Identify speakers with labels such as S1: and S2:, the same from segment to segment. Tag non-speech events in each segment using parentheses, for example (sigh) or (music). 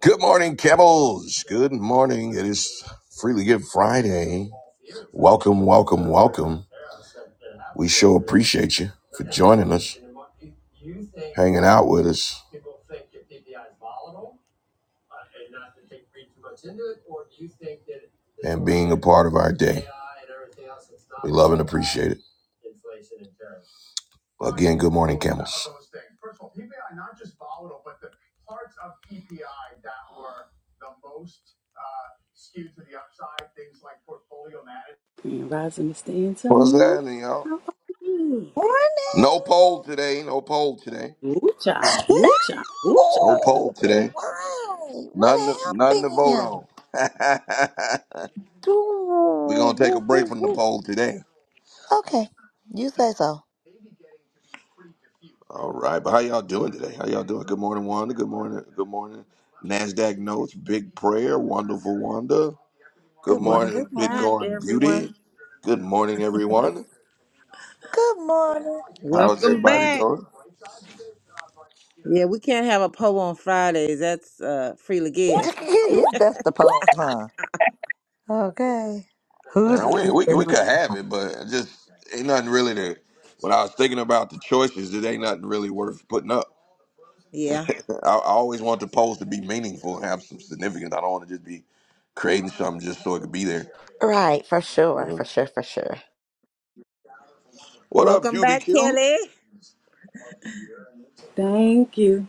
S1: Good morning, Kebbles. Good morning. It is Freely Give Friday. Welcome, welcome, welcome. We sure appreciate you for joining us, hanging out with us, and being a part of our day. We love and appreciate it. Again, good morning, Camels.
S2: And rising to stay
S1: What's
S2: Antonio.
S1: happening, y'all?
S2: How are you?
S3: Morning.
S1: No poll today. No poll today.
S2: Ooh-cha,
S3: No.
S2: ooh-cha,
S1: No
S2: ooh-cha,
S1: poll today.
S3: Why?
S1: Nothing,
S3: What
S1: to- nothing to
S3: happened?
S1: vote on. (laughs) We're
S3: Doo,
S1: gonna take
S3: woo,
S1: a break
S3: woo,
S1: from the
S3: woo.
S1: poll today.
S3: Okay. You say so.
S1: All right, but how y'all doing today? How y'all doing? Good morning, Wanda. Good morning. Good morning. Nasdaq notes, big prayer, wonderful Wanda. Good
S3: Good morning.
S1: morning,
S3: Good
S4: Welcome
S3: morning.
S4: back,
S1: Bitcoin beauty.
S4: everyone.
S1: Good morning, everyone.
S3: Good morning.
S1: How's
S4: Welcome
S1: everybody
S4: back.
S1: doing?
S4: Yeah, we can't have a poll on Fridays. That's uh freely
S3: (laughs)
S4: give.
S2: ooh-cha, ooh-cha,
S3: That's the poem,
S2: ooh-cha.
S3: huh? Okay. Who's
S1: Yeah,
S3: a
S4: Yeah.
S1: we
S3: giver
S1: we could-
S3: and
S1: we could
S3: who's
S1: have
S3: not?
S1: it, but it just ain't nothing really to. When I was thinking about the choices, it ain't nothing really worth putting up. (laughs) I,
S4: Yeah.
S1: I always want the polls to be meaningful and have some significance. I don't want to just be creating something just so it could be there.
S3: Right. For sure. For sure. For sure.
S1: What up,
S4: Welcome back,
S1: QBQ?
S4: Kelly.
S2: Thank you.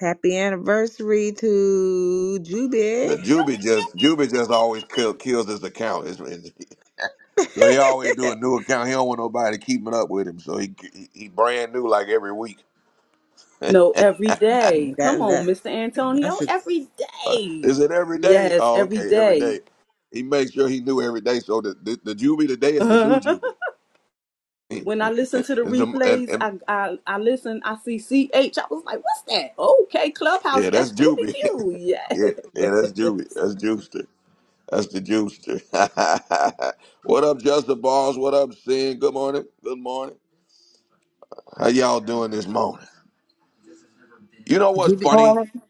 S4: Happy anniversary to Juby.
S1: The Juby just Juby just always kill, kills his account. It's, it's-
S4: (laughs)
S1: so he always do a
S4: that,
S1: new account. He don't want nobody keeping up with him. So he he, he brand new like every week.
S2: No, every day. Come on,
S4: that,
S2: Mr.
S4: that's
S2: Antonio.
S4: a
S2: Every
S1: Uh,
S2: day.
S1: is it every day?
S2: Yes,
S1: Oh,
S2: every
S1: okay, every
S2: day.
S1: day.
S2: (laughs)
S1: He makes sure he knew every day. So the the, the Juby today is the new
S2: when
S1: Juby. (laughs) and,
S2: I listen to the
S1: the, and,
S2: replays,
S1: and
S2: I, I I listen, I see C H. I was like, what's that? Okay, Clubhouse,
S1: yeah, that's
S2: that's Juby
S1: Juby. (laughs)
S2: Q.
S1: yeah,
S2: Yeah.
S1: yeah, that's Juby. That's Juicer. That's the Juicer. (laughs) what up, Justin Balls? What up, Sin? Good morning. Good morning. How y'all doing this morning? You know what's
S4: Juby.
S1: funny?
S5: Morning.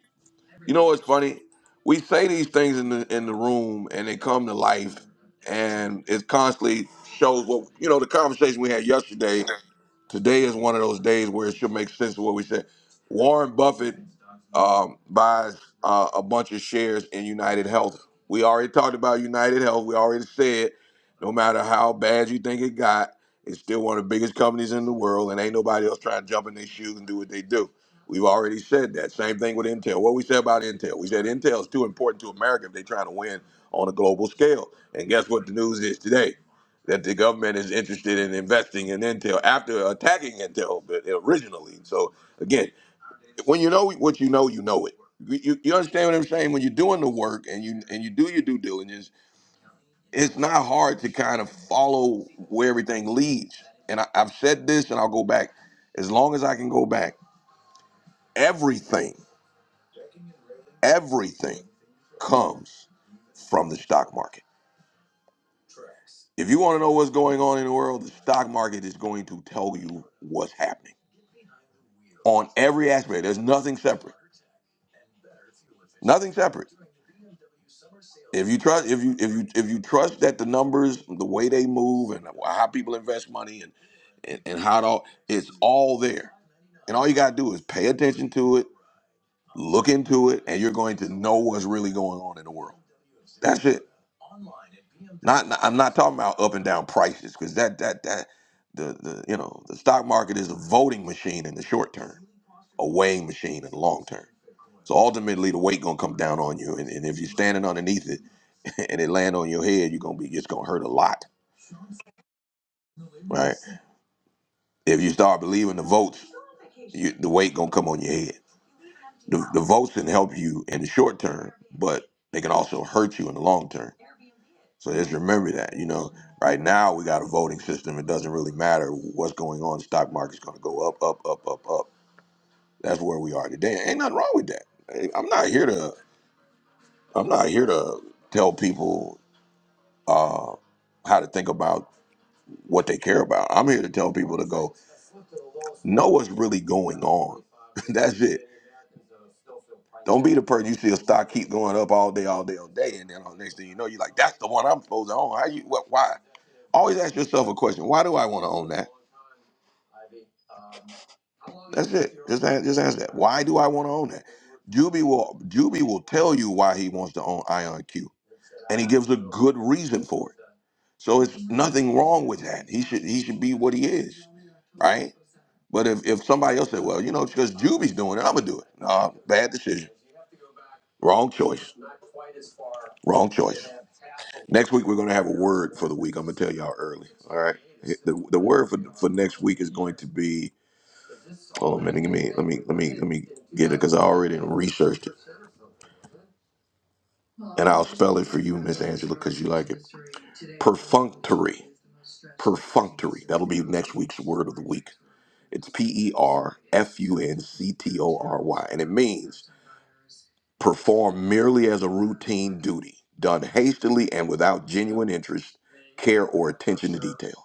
S1: You know what's funny? We say these things in the in the room, and they come to life, and it constantly shows what you know. The conversation we had yesterday Today is one of those days where it should make sense of what we said. Warren Buffett um, buys uh, a bunch of shares in United Health. We already talked about United Health. We already said, no matter how bad you think it got, it's still one of the biggest companies in the world, and ain't nobody else trying to jump in their shoes and do what they do. We've already said that. Same thing with Intel. What we said about Intel? We said Intel is too important to America if they're trying to win on a global scale. And guess what the news is today? that the government is interested in investing in Intel after attacking Intel but originally. So again, when you know what you know, you know it. You, you you understand what I'm saying? When you're doing the work and you and you do your due diligence, it's not hard to kind of follow where everything leads. And I, I've said this, and I'll go back as long as I can go back. Everything, everything comes from the stock market. If you want to know what's going on in the world, the stock market is going to tell you what's happening on every aspect. There's nothing separate. Nothing separate. If you trust, if you if you if you trust that the numbers, the way they move, and how people invest money, and and, and how it all, it's all there. And all you gotta do is pay attention to it, look into it, and you're going to know what's really going on in the world. That's it. Not I'm not talking about up and down prices because that that that the the you know the stock market is a voting machine in the short term. a weighing machine in the long term. So ultimately, the weight gonna come down on you, and, and if you're standing underneath it, (laughs) and it land on your head, you're gonna be it's gonna hurt a lot, right? If you start believing the votes, you, the weight gonna come on your head. The, the votes can help you in the short term, but they can also hurt you in the long term. So just remember that. You know, right now we got a voting system. It doesn't really matter what's going on. The stock market's gonna go up, up, up, up, up. That's where we are today. Ain't nothing wrong with that. Hey, I'm not here to. I'm not here to tell people uh, how to think about what they care about. I'm here to tell people to go know what's really going on. (laughs) That's it. Don't be the person you see a stock keep going up all day, all day, all day, and then on next thing you know, you're like, "That's the one I'm supposed to own." How you? What? Why? Always ask yourself a question: Why do I want to own that? That's it. Just ask, just ask that. Why do I want to own that? Juby will Juby will tell you why he wants to own IonQ, and he gives a good reason for it. So it's nothing wrong with that. He should he should be what he is, right? But if, if somebody else said, well, you know, because Juby's doing it, I'm gonna do it. Nah, bad decision. Wrong choice. Wrong choice. Next week we're gonna have a word for the week. I'm gonna tell y'all early. All right. The, the word for for next week is going to be Hold on a minute. Give me, let me, let me, let me get it because I already researched it, and I'll spell it for you, Miss Angela, because you like it. Perfunctory. Perfunctory. That'll be next week's word of the week. It's P E R F U N C T O R Y, and it means performed merely as a routine duty, done hastily and without genuine interest, care, or attention to detail.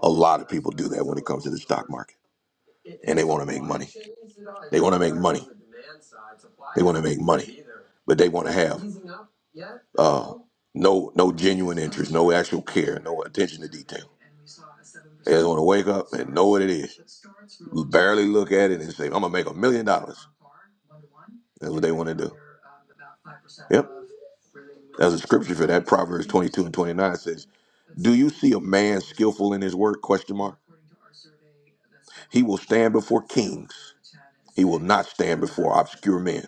S1: A lot of people do that when it comes to the stock market and they want to make money. They want to make money. They want to make money, but they want to have uh, no no genuine interest, no actual care, no attention to detail. They just want to wake up and know what it is. Barely look at it and say, "I'm gonna make a million dollars." That's what they want to do. Yep, there's a scripture for that. Proverbs 22 and 29 says. Do you see a man skillful in his work? Question mark. He will stand before kings. He will not stand before obscure men.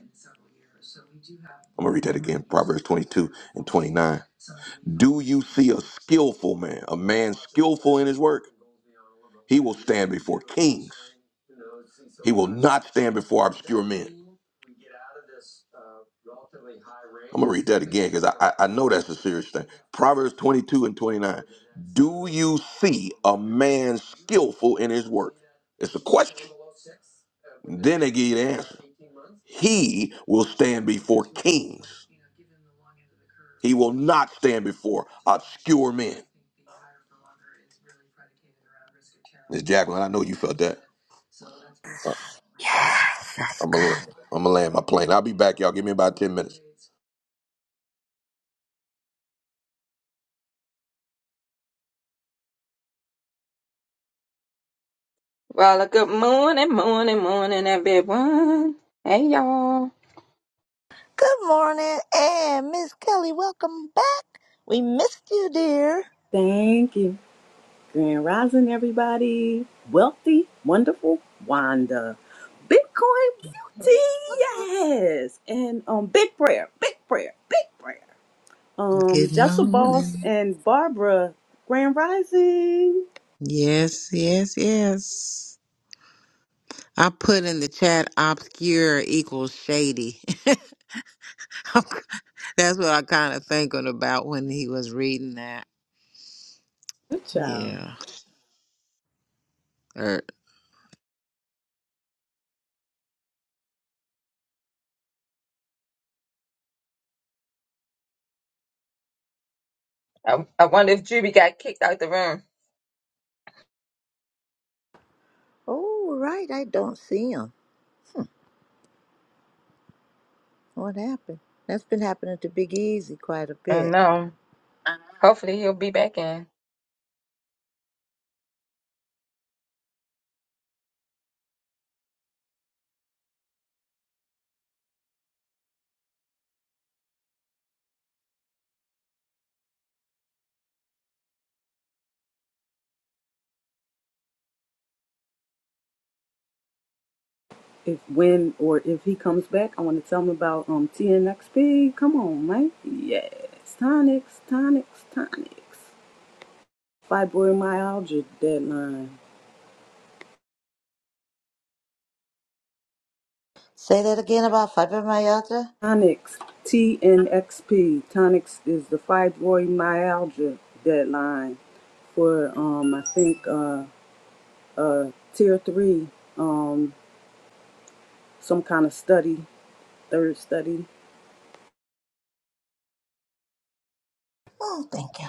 S1: I'm gonna read that again. Proverbs 22 and 29. Do you see a skillful man, a man skillful in his work? He will stand before kings. He will not stand before obscure men. I'm gonna read that again because I, I I know that's a serious thing. Proverbs 22 and 29. Do you see a man skillful in his work? It's a question. Then they give you the answer. He will stand before kings. He will not stand before obscure men. Miss Jacqueline, I know you felt that. Uh,
S3: Yes. That's
S1: I'm gonna
S3: good.
S1: I'm gonna land my plane. I'll be back, y'all. Give me about 10 minutes.
S5: Well, a good morning, morning, morning, everyone. Hey, y'all.
S3: Good morning. And Miss Kelly, welcome back. We missed you, dear.
S2: (laughs) Thank you. Grand Rising, everybody. Wealthy, wonderful Wanda. Bitcoin beauty, yes. And um, big prayer, big prayer, big prayer. Um,
S4: Good
S2: Jessel Boss
S4: morning.
S2: and Barbara, Grand Rising.
S4: Yes, yes, yes. I put in the chat obscure equals shady. (laughs) I'm- That's what I kind of thinking about when he was reading that.
S2: Good child.
S4: Yeah. Er,
S5: I, I wonder if Juby got kicked out the room.
S3: Oh, right. I don't see him. What happened? That's been happening to Big Easy quite a
S5: And
S3: bit.
S5: um, hopefully he'll be back in.
S2: If when or if he comes back, I want to tell him about um TNXP. Come on, Mike. Yes. Tonics, tonics, tonics. Fibromyalgia deadline.
S3: Say that again about fibromyalgia.
S2: Tonix, TNXP. Tonix is the fibromyalgia deadline for, um, I think, uh, uh, tier three, um, some kind of study, third study.
S3: Oh, thank you.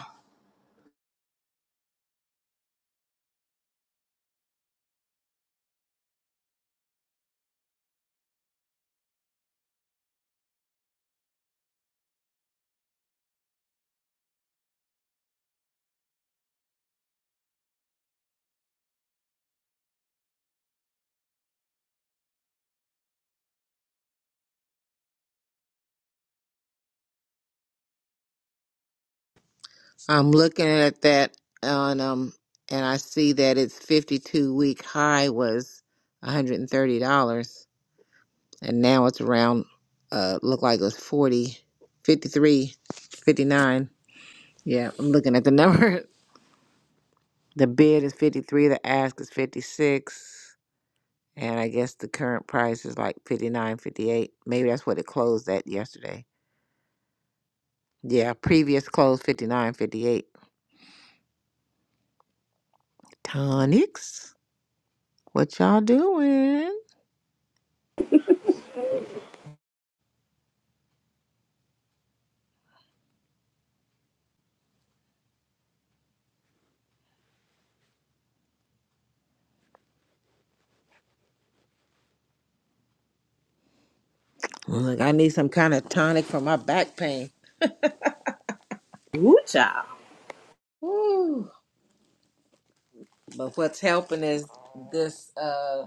S4: I'm looking at that on um and I see that its 52 week high was $130 and now it's around uh look like it was 40 53 59. Yeah, I'm looking at the number. (laughs) The bid is 53, the ask is 56, and I guess the current price is like 59 58. Maybe that's what it closed at yesterday. Yeah, previous close 59 58. Tonics. What y'all doing? Look, I need some kind of tonic for my back pain.
S2: Woo child.
S4: Woo. But what's helping is this uh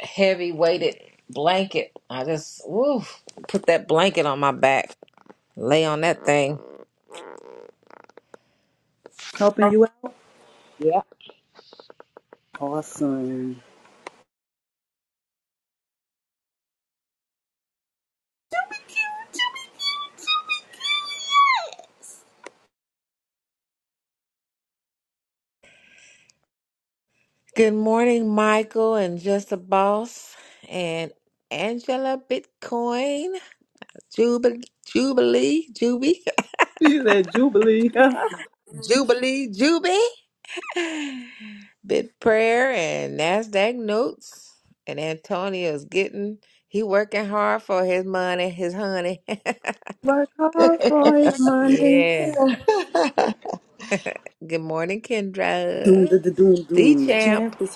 S4: heavy weighted blanket. I just woo, put that blanket on my back, lay on that thing.
S2: Helping you out.
S4: Yeah.
S2: Awesome. (laughs)
S4: Good morning, Michael and Just the Boss and Angela Bitcoin, Jubilee, Jubilee, Juby,
S2: You said Jubilee. (laughs)
S4: (laughs) Jubilee, Juby. Bit prayer and Nasdaq notes, and Antonio's getting he working hard for his money, his honey.
S2: Work hard for his
S4: (laughs)
S2: money.
S4: yeah. Good morning,
S2: Doom, da,
S4: Kendra.
S2: da, doom,
S4: The
S2: doom. The
S4: champ.
S2: champ is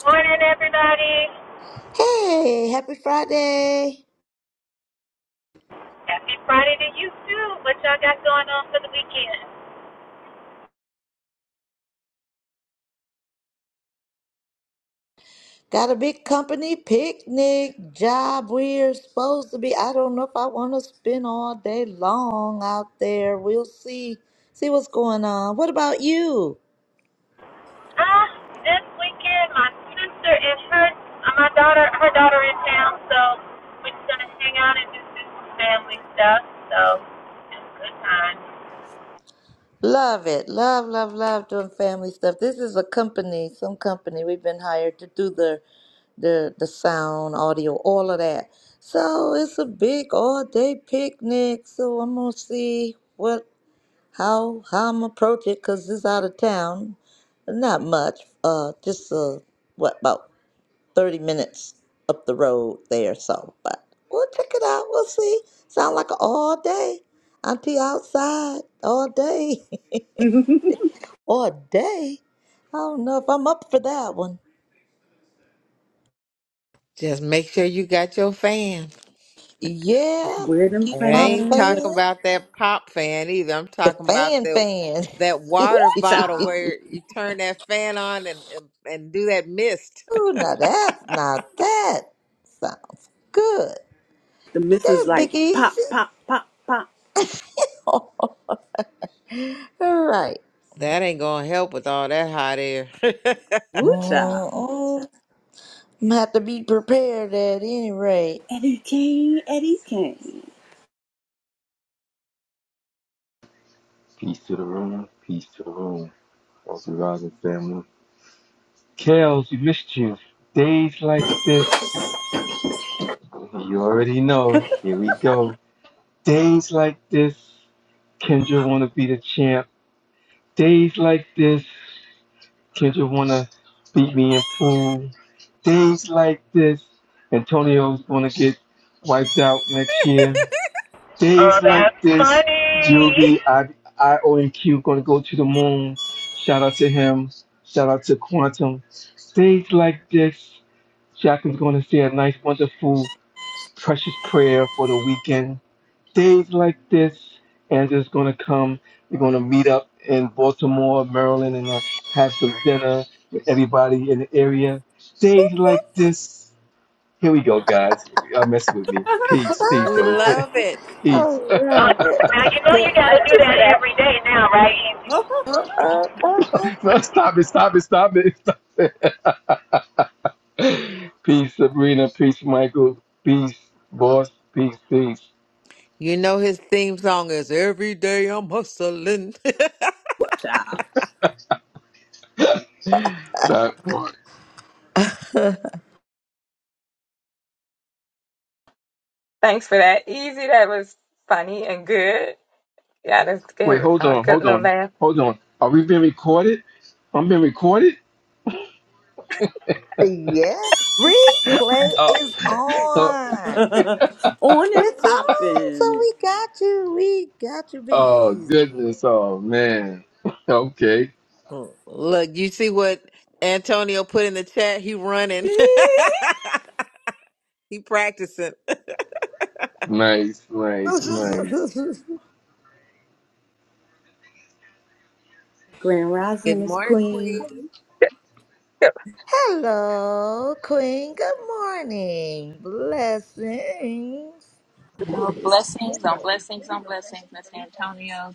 S6: Morning, everybody.
S3: (laughs) hey, happy Friday.
S6: Happy Friday to you too. What y'all got going on for the weekend?
S3: Got a big company picnic job we're supposed to be. I don't know if I want to spend all day long out there. We'll see. See what's going on. What about you?
S6: Uh, this weekend, my sister and her, uh, my daughter, her daughter in town, so we're just gonna hang out and just do some family stuff. So, it's a good time.
S3: Love it. Love, love, love doing family stuff. This is a company, some company we've been hired to do the the the sound, audio, all of that. So it's a big all day picnic. So I'm gonna see what how how I'm approach it because it's out of town. Not much. Uh, just uh, what about thirty minutes up the road there. So, but we'll check it out. We'll see. Sound like an all day. Auntie outside all day, (laughs)
S2: here.
S3: all day. I don't know if I'm up for that one.
S4: Just make sure you got your fan.
S2: (laughs)
S3: Yeah,
S2: Where them
S3: keep
S4: And I
S3: my
S4: ain't
S2: fans at?
S4: talking
S3: fan.
S4: about that pop fan either. I'm
S3: The
S4: talking about
S3: fan
S4: that
S3: fan.
S4: that
S2: Woo
S4: water bottle
S2: child.
S4: where you turn that fan on and and, and do that mist.
S3: Ooh, now that now that sounds good.
S2: The missus
S3: That's Big
S2: like pop,
S3: Easy.
S2: pop, pop, pop.
S3: All right.
S4: That ain't gonna help with all that hot air.
S2: Woo child.
S3: Mm-mm. I'm gonna have to be prepared at any rate.
S2: Eddie Kane, Eddie Kane.
S7: Peace to the room. Peace to the room. Welcome, rising family. Kels, we missed you. Days like this, you already know. Here we go. Days like this, Kendra wanna be the champ. Days like this, Kendra wanna beat me in pool. Days like this, Antonio's gonna get wiped out next year.
S6: Oh,
S7: Days like
S6: that's
S7: this,
S6: funny.
S7: Juby, I, I, O, and Q gonna go to the moon. Shout out to him. Shout out to Quantum. Days like this, Jacqueline's gonna say a nice, wonderful, precious prayer for the weekend. Days like this, Andrew's gonna come. We're gonna meet up in Baltimore, Maryland, and uh, have some dinner with everybody in the area. Days like this. Here we go, guys. Y'all mess with me. Peace,
S4: (laughs)
S7: peace,
S4: we
S3: Ah,
S7: everybody.
S4: love it.
S7: (laughs) peace.
S3: all
S6: Uh,
S3: right.
S6: now you know
S3: Good.
S6: you gotta
S5: Thank
S6: do
S5: you for
S6: that
S5: that.
S6: every day now, right, Easy?
S2: Oh,
S3: Uh, uh, uh, uh.
S7: (laughs) No, stop it, stop it, stop it, stop it. Peace, Sabrina. Peace, Michael. Peace, boss. Peace, peace.
S4: You know his theme song is Every Day I'm Hustling.
S2: child.
S7: Stop.
S5: Thanks for that. Easy. That was funny and good. Yeah, let's give
S7: Wait,
S5: it
S7: hold
S5: a
S7: on,
S5: good
S7: hold
S5: little
S7: on,
S5: laugh.
S7: hold on. Are we being recorded? I'm being recorded?
S3: Yes, replay
S7: Oh,
S3: is
S7: oh,
S3: on.
S2: (laughs) On and
S3: It's on, so
S2: popping.
S3: we got you. We got you, Big
S7: oh
S3: Easy.
S7: goodness. Oh, man. (laughs) Okay.
S4: (laughs) Look, you see what Antonio put in the chat? He running.
S2: (laughs)
S4: (laughs) he practicing. (laughs)
S7: Nice, nice, nice.
S3: (laughs)
S2: Grand Rising
S4: Good
S2: is
S4: morning,
S2: Queen.
S4: Queen.
S3: Hello, Queen. Good morning. Blessings.
S8: Oh, blessings on blessings on blessings, Mr. Antonio.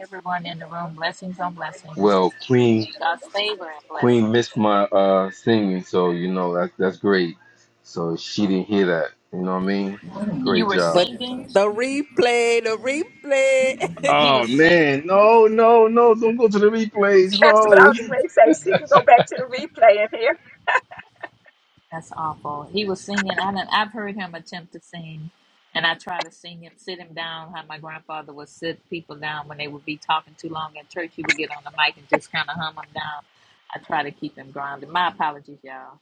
S8: Everyone in the room, blessings on blessings.
S7: Well, Queen,
S8: God's favor and
S7: Queen
S8: blessings.
S7: missed my uh singing, so you know that's that's great. So she didn't hear that. You know what I mean?
S8: You
S7: Great
S8: were
S7: job.
S4: But
S8: singing.
S4: the replay, the replay.
S8: He
S7: Oh
S8: was singing.
S7: man, no, no, no! Don't go to the replays.
S5: That's what I
S7: No,
S5: was going to say. She can go back to the replay and hear
S8: That's awful. He was singing. I done, I've heard him attempt to sing, and I try to sing him, sit him down. How my grandfather would sit people down when they would be talking too long in church. He would get on the mic and just kind of hum them down. I try to keep him grounded. My apologies, y'all.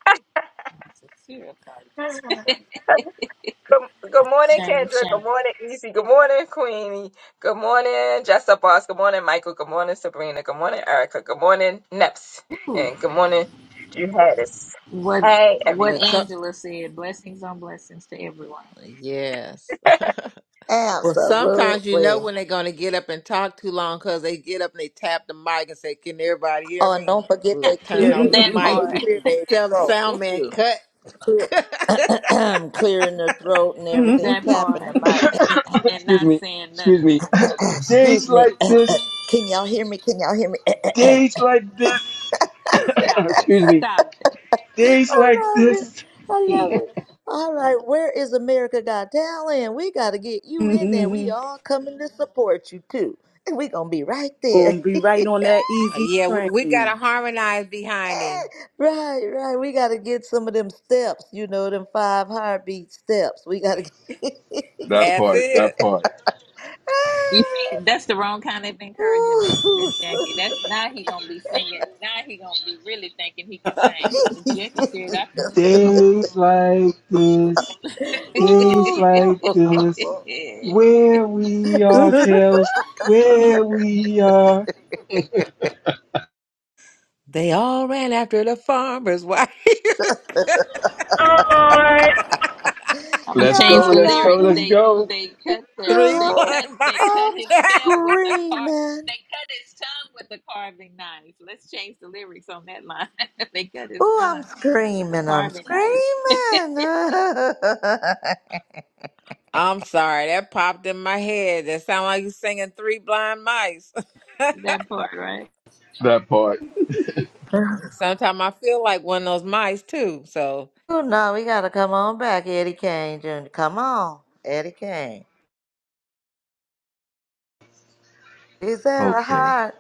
S8: My sincere apologies.
S5: Good, good
S8: (laughs)
S5: morning,
S8: shame,
S5: Kendra. Good
S8: shame.
S5: morning, Easy. Good morning, Queenie. Good morning, Jessa Boss. Good morning, Michael. Good morning, Sabrina. Good morning, Erica. Good morning, Neps. And good morning, Juhatis.
S8: What
S5: Hey,
S4: (laughs)
S5: everybody.
S8: what
S4: Look, so
S8: Angela said, blessings on blessings to everyone.
S4: yes. (laughs) well, sometimes you know
S3: Absolutely.
S4: when they're gonna get up and talk too long because they get up and they tap the mic and say, "Can everybody hear
S3: Oh, and
S4: me?"
S3: don't forget they
S4: Look, turn
S3: clear their
S4: off the
S8: That
S4: mic.
S3: they
S8: part. (laughs)
S3: clear their
S4: Tell the
S3: throat
S4: sound man
S3: too.
S4: cut.
S3: Clear
S4: (laughs)
S3: (clears throat) clearing their throat
S2: (laughs)
S3: and everything,
S8: That
S2: Gonna
S3: tapping the
S8: part.
S3: mic.
S7: (coughs)
S8: And
S7: excuse
S8: not
S7: me,
S8: saying
S7: excuse
S8: nothing.
S7: me. (coughs)
S3: (clears throat) (coughs)
S7: Days
S3: Excuse me.
S7: like
S3: (coughs)
S7: this,
S3: Can y'all hear me? Can y'all hear me? (clears throat) (coughs)
S7: days like this. (coughs)
S8: Stop it.
S7: excuse me,
S8: Stop it.
S7: days
S3: I
S7: like
S3: love it.
S7: this.
S3: I love
S8: Please.
S3: it. All right, where is America Got Talent? We got to get you in there. We all coming to support you too. And we going to be right there.
S2: be
S3: (laughs)
S2: right on that
S4: Uh,
S2: easy
S4: Yeah, we, we
S2: train.
S4: gotta harmonize behind him.
S3: right, right. We got to get some of them steps, you know, them five heartbeat steps. We got to get.
S7: That
S4: That's
S7: part,
S4: it.
S7: that part.
S8: You see, that's the wrong kind of
S3: (laughs)
S8: encouragement,
S3: Ooh.
S8: Miss Jackie. That's now he gonna be singing. Now he gonna be really thinking he can sing. Miss Jackie
S3: (laughs)
S8: said I
S7: Days like this, days
S8: can
S7: like
S3: Ooh.
S7: this,
S3: (laughs)
S8: sing. (laughs)
S7: where we
S2: (laughs)
S7: are,
S2: the
S7: Kels, where we are.
S4: They all ran after the farmer's wife. (laughs)
S6: Oh Lord,
S8: I'm gonna
S7: Let's go,
S8: change
S3: Y'all
S8: the
S7: let's go,
S3: got
S8: lyrics.
S7: let's
S3: me,
S8: They
S7: go.
S8: they cut the
S4: Three
S8: they
S3: girl.
S8: cut
S4: blind
S8: they
S4: mice.
S8: cut
S3: I'm
S8: his tail with the car.
S3: screaming.
S8: They cut his tongue with the carving knife. Let's change the lyrics on that line. (laughs) they cut his
S3: Oh, I'm
S8: tongue with the
S3: screaming. I'm
S8: carving
S3: screaming. (laughs)
S8: knife. (laughs)
S4: (laughs) I'm sorry, that popped in my head. That sound like you singing Three Blind Mice.
S8: That part, right?
S7: That part.
S4: (laughs) Sometimes I feel like one of those mice too. So
S3: oh, no, we got to come on back, Eddie Kane Jr. Come on, Eddie Kane. Is there a
S7: Okay,
S3: heart?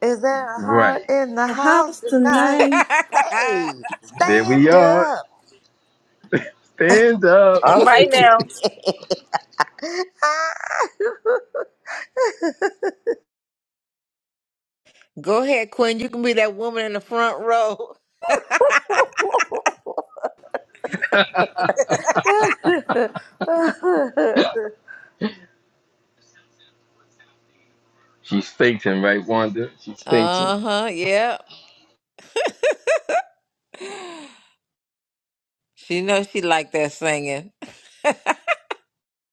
S3: Is there a heart
S7: right
S3: in the house
S2: house
S3: tonight?
S4: (laughs)
S2: tonight.
S3: Hey,
S7: there we
S3: stand
S7: are.
S3: up.
S7: Stand up.
S5: All right now.
S4: go ahead, Quinn. You can be that woman in the front row. (laughs)
S3: (laughs) (laughs)
S7: She's fainting, right, Wanda? She's fainting.
S4: Uh huh. Yeah. (sighs) She knows she like that singing. (laughs)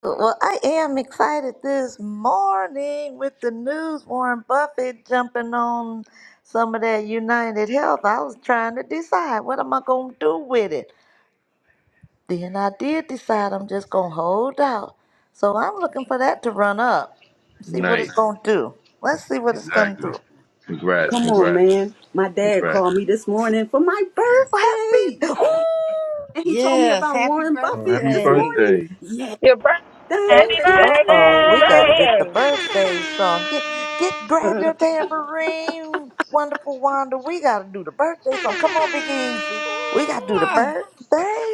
S3: Well, I am excited this morning with the news. Warren Buffett jumping on some of that United Health. I was trying to decide what am I gonna do with it. Then I did decide I'm just gonna hold out. So I'm looking for that to run up. See what it's
S7: Nice.
S3: gonna do. Let's see what it's gonna
S7: Exactly.
S3: do.
S7: Congrats,
S2: Come on,
S7: congrats,
S2: man. My dad
S7: congrats.
S2: called me this morning for my
S3: Well,
S2: birthday.
S3: happy.
S2: Yeah.
S3: Ooh!
S2: And he told me
S4: Yes.
S2: about
S4: Happy
S2: Warren
S7: Oh,
S2: Buffett
S7: happy
S2: this
S4: birthday.
S2: morning.
S7: birthday.
S2: Yeah.
S5: Your birthday
S6: happy
S2: Thank you.
S3: Uh
S5: today.
S3: oh,
S5: Happy
S3: we gotta get
S6: birthday.
S3: the
S5: birthday.
S3: birthday song. Get get grab your tambourine, wonderful Wanda. We gotta do the birthday song. Come on, Big Easy. We gotta do the
S4: (laughs)
S3: birthday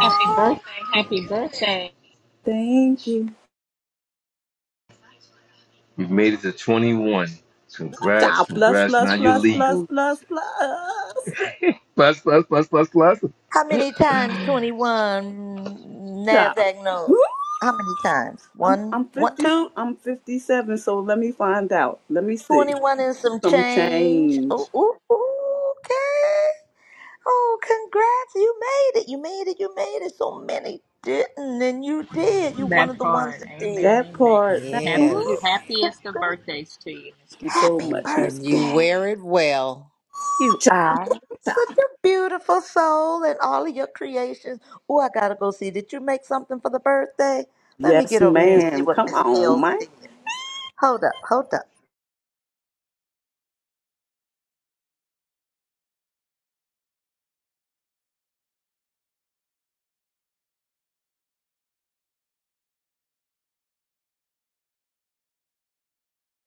S8: Happy birthday! Happy birthday!
S2: Thank you.
S7: We've made it to 21. Congrats,
S2: Child, plus,
S7: congrats. Now
S2: plus,
S7: you're
S2: plus, plus,
S7: legal.
S2: plus, plus.
S7: Bless, bless, bless, bless, bless.
S3: How many times twenty one
S2: Child.
S3: Nasdaq
S2: Woo!
S3: note? How many times?
S2: I'm
S3: One
S2: I'm
S3: one
S2: fifty
S3: two?
S2: I'm fifty seven, so let me find out. Let me see.
S3: Twenty one and some
S2: Some
S3: change.
S2: change.
S3: Ooh, ooh, ooh, okay. Oh, congrats. You made it. You made it. You made it. So many didn't, and you did. You one of
S8: That
S3: the ones
S8: part.
S3: that did.
S8: Amen.
S2: That
S8: Amen.
S2: part, thank
S8: Happy
S2: you.
S3: Ooh,
S4: Yes.
S8: happiest of birthdays to you, Miss
S2: Thank you
S8: Carol.
S2: so
S3: Happy
S4: And
S2: much, Miss
S4: and you
S2: Queen.
S4: wear
S3: birthday.
S4: it well.
S3: You
S2: Child,
S3: are
S2: child.
S3: such a beautiful soul and all of your creations. Oh, I gotta go see. Did you make something for the birthday? Let me
S2: Yes,
S3: get over here and see
S2: ma'am.
S3: what
S2: Come
S3: Miss
S2: on,
S3: Kells
S2: Mike.
S3: did. Hold up, hold up.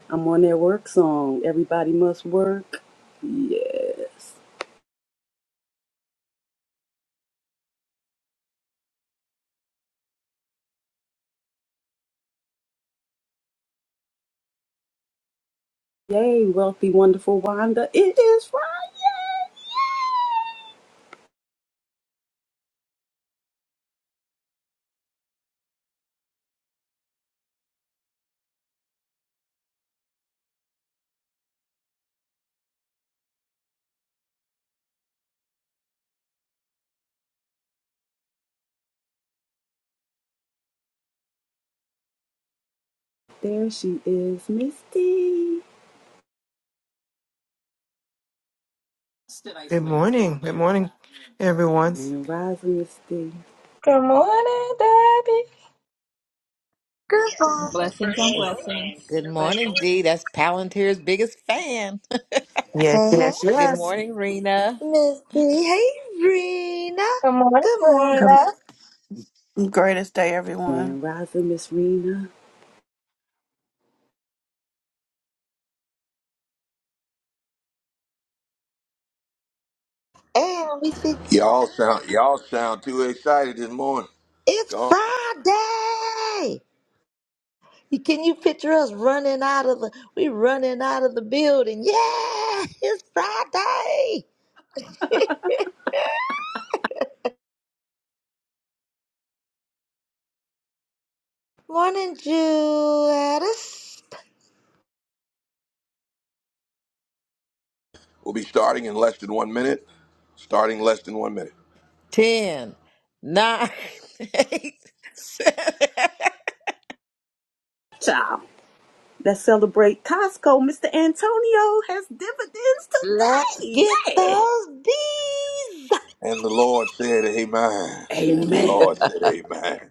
S2: I'm on that work song. Everybody must work. Yes. Yay, wealthy, wonderful Wanda. It is Friday. There she is, Misty.
S9: Good morning. Good morning, everyone.
S2: And rising Miss D.
S5: Good morning, Debbie.
S3: Good morning.
S8: Blessings on
S4: It's,
S8: blessings.
S4: good morning,
S8: Blessings.
S4: Dee. That's Palantir's biggest fan. (laughs)
S9: Yes,
S3: Hey, hey,
S9: yes,
S4: Good
S9: yes.
S4: morning, Rena.
S3: Missy. Hey, Rena.
S5: Good morning,
S3: Good
S10: The
S5: Karina.
S3: morning.
S10: greatest day, everyone.
S2: And rising Miss Rena.
S3: And we see
S1: Y'all sound y'all sound too excited this morning. Go
S3: it's
S1: on.
S3: Friday. Can you picture us running out of the we running out of the building? Yeah, (laughs) it's Friday. Morning, Jewelist.
S1: We'll be starting in less than one minute. Starting less than one minute.
S4: Ten, nine, (laughs) eight, seven.
S2: Ciao. Let's celebrate Costco. Mr. Antonio has dividends
S3: Let's
S2: today.
S3: get
S2: Yeah.
S3: those D's.
S1: And the Lord said, Amen. And the
S2: Amen.
S1: Lord said, Amen.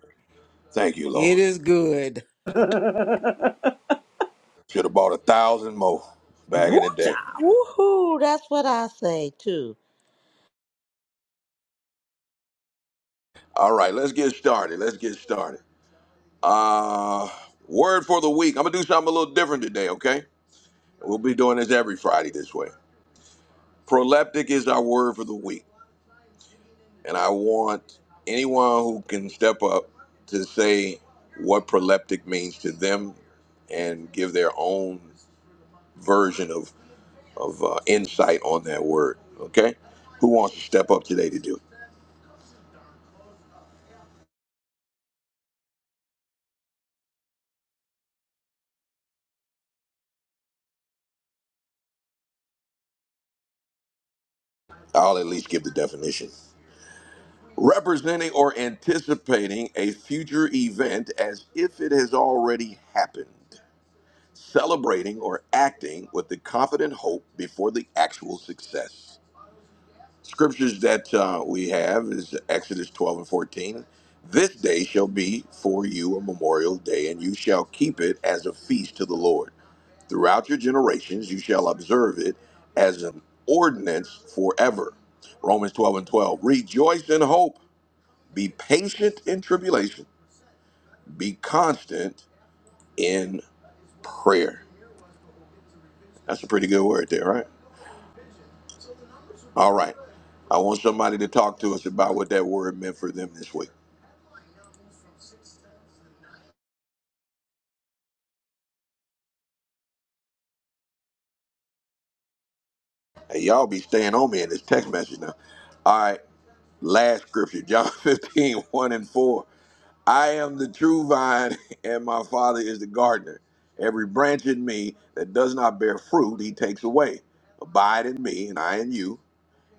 S1: Thank you,
S4: It
S1: Lord.
S4: is good.
S2: (laughs)
S1: Should have bought a thousand more back
S2: Woo
S1: in the day.
S2: child.
S3: Woohoo! That's what I say too.
S1: All right, let's get started. Let's get started. Uh word for the week. I'm gonna do something a little different today, okay? We'll be doing this every Friday this way. Proleptic is our word for the week. And I want anyone who can step up to say what proleptic means to them and give their own version of, of uh, insight on that word. Okay? Who wants to step up today to do it? I'll at least give the definition. Representing or anticipating a future event as if it has already happened. Celebrating or acting with the confident hope before the actual success Scriptures that uh, we have is Exodus 12 and 14. This day shall be for you a memorial day, and you shall keep it as a feast to the Lord. Throughout your generations, you shall observe it as an ordinance forever. Romans 12 and 12. Rejoice in hope, be patient in tribulation, be constant in prayer. That's a pretty good word there, right? All right. I want somebody to talk to us about what that word meant for them this week. Hey, y'all be staying on me in this text message now. All right, last scripture, John (laughs) fifteen one and 4. I am the true vine, (laughs) and my Father is the gardener. Every branch in me that does not bear fruit, he takes away. Abide in me, and I in you,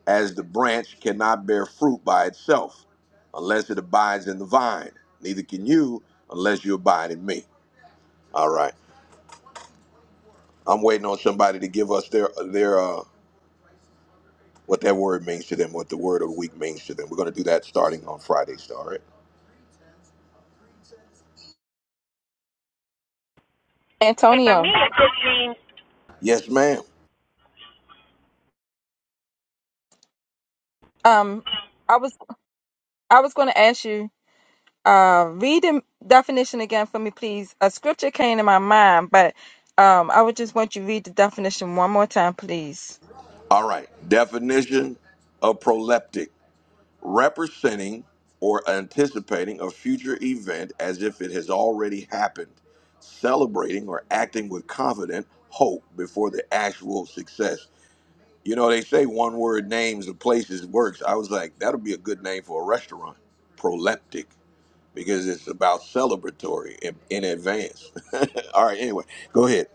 S1: as the branch cannot bear fruit by itself, unless it abides in the vine. Neither can you, unless you abide in me. All right, I'm waiting on somebody to give us their their uh, what that word means to them, what the word of the week means to them. We're going to do that starting on Friday, all right?
S6: Hey, for me
S5: Antonio.
S6: it just means
S1: Yes, ma'am.
S5: Um, I was I was gonna ask you uh, read the definition again for me, please. A scripture came to my mind, but um, I would just want you to read the definition one more time, please.
S1: All right. Definition of proleptic representing or anticipating a future event as if it has already happened, celebrating or acting with confident hope before the actual success. You know, they say one word names of places works. I was like, that'll be a good name for a restaurant. Proleptic. because it's about celebratory in, in advance. (laughs) All right, anyway, go ahead.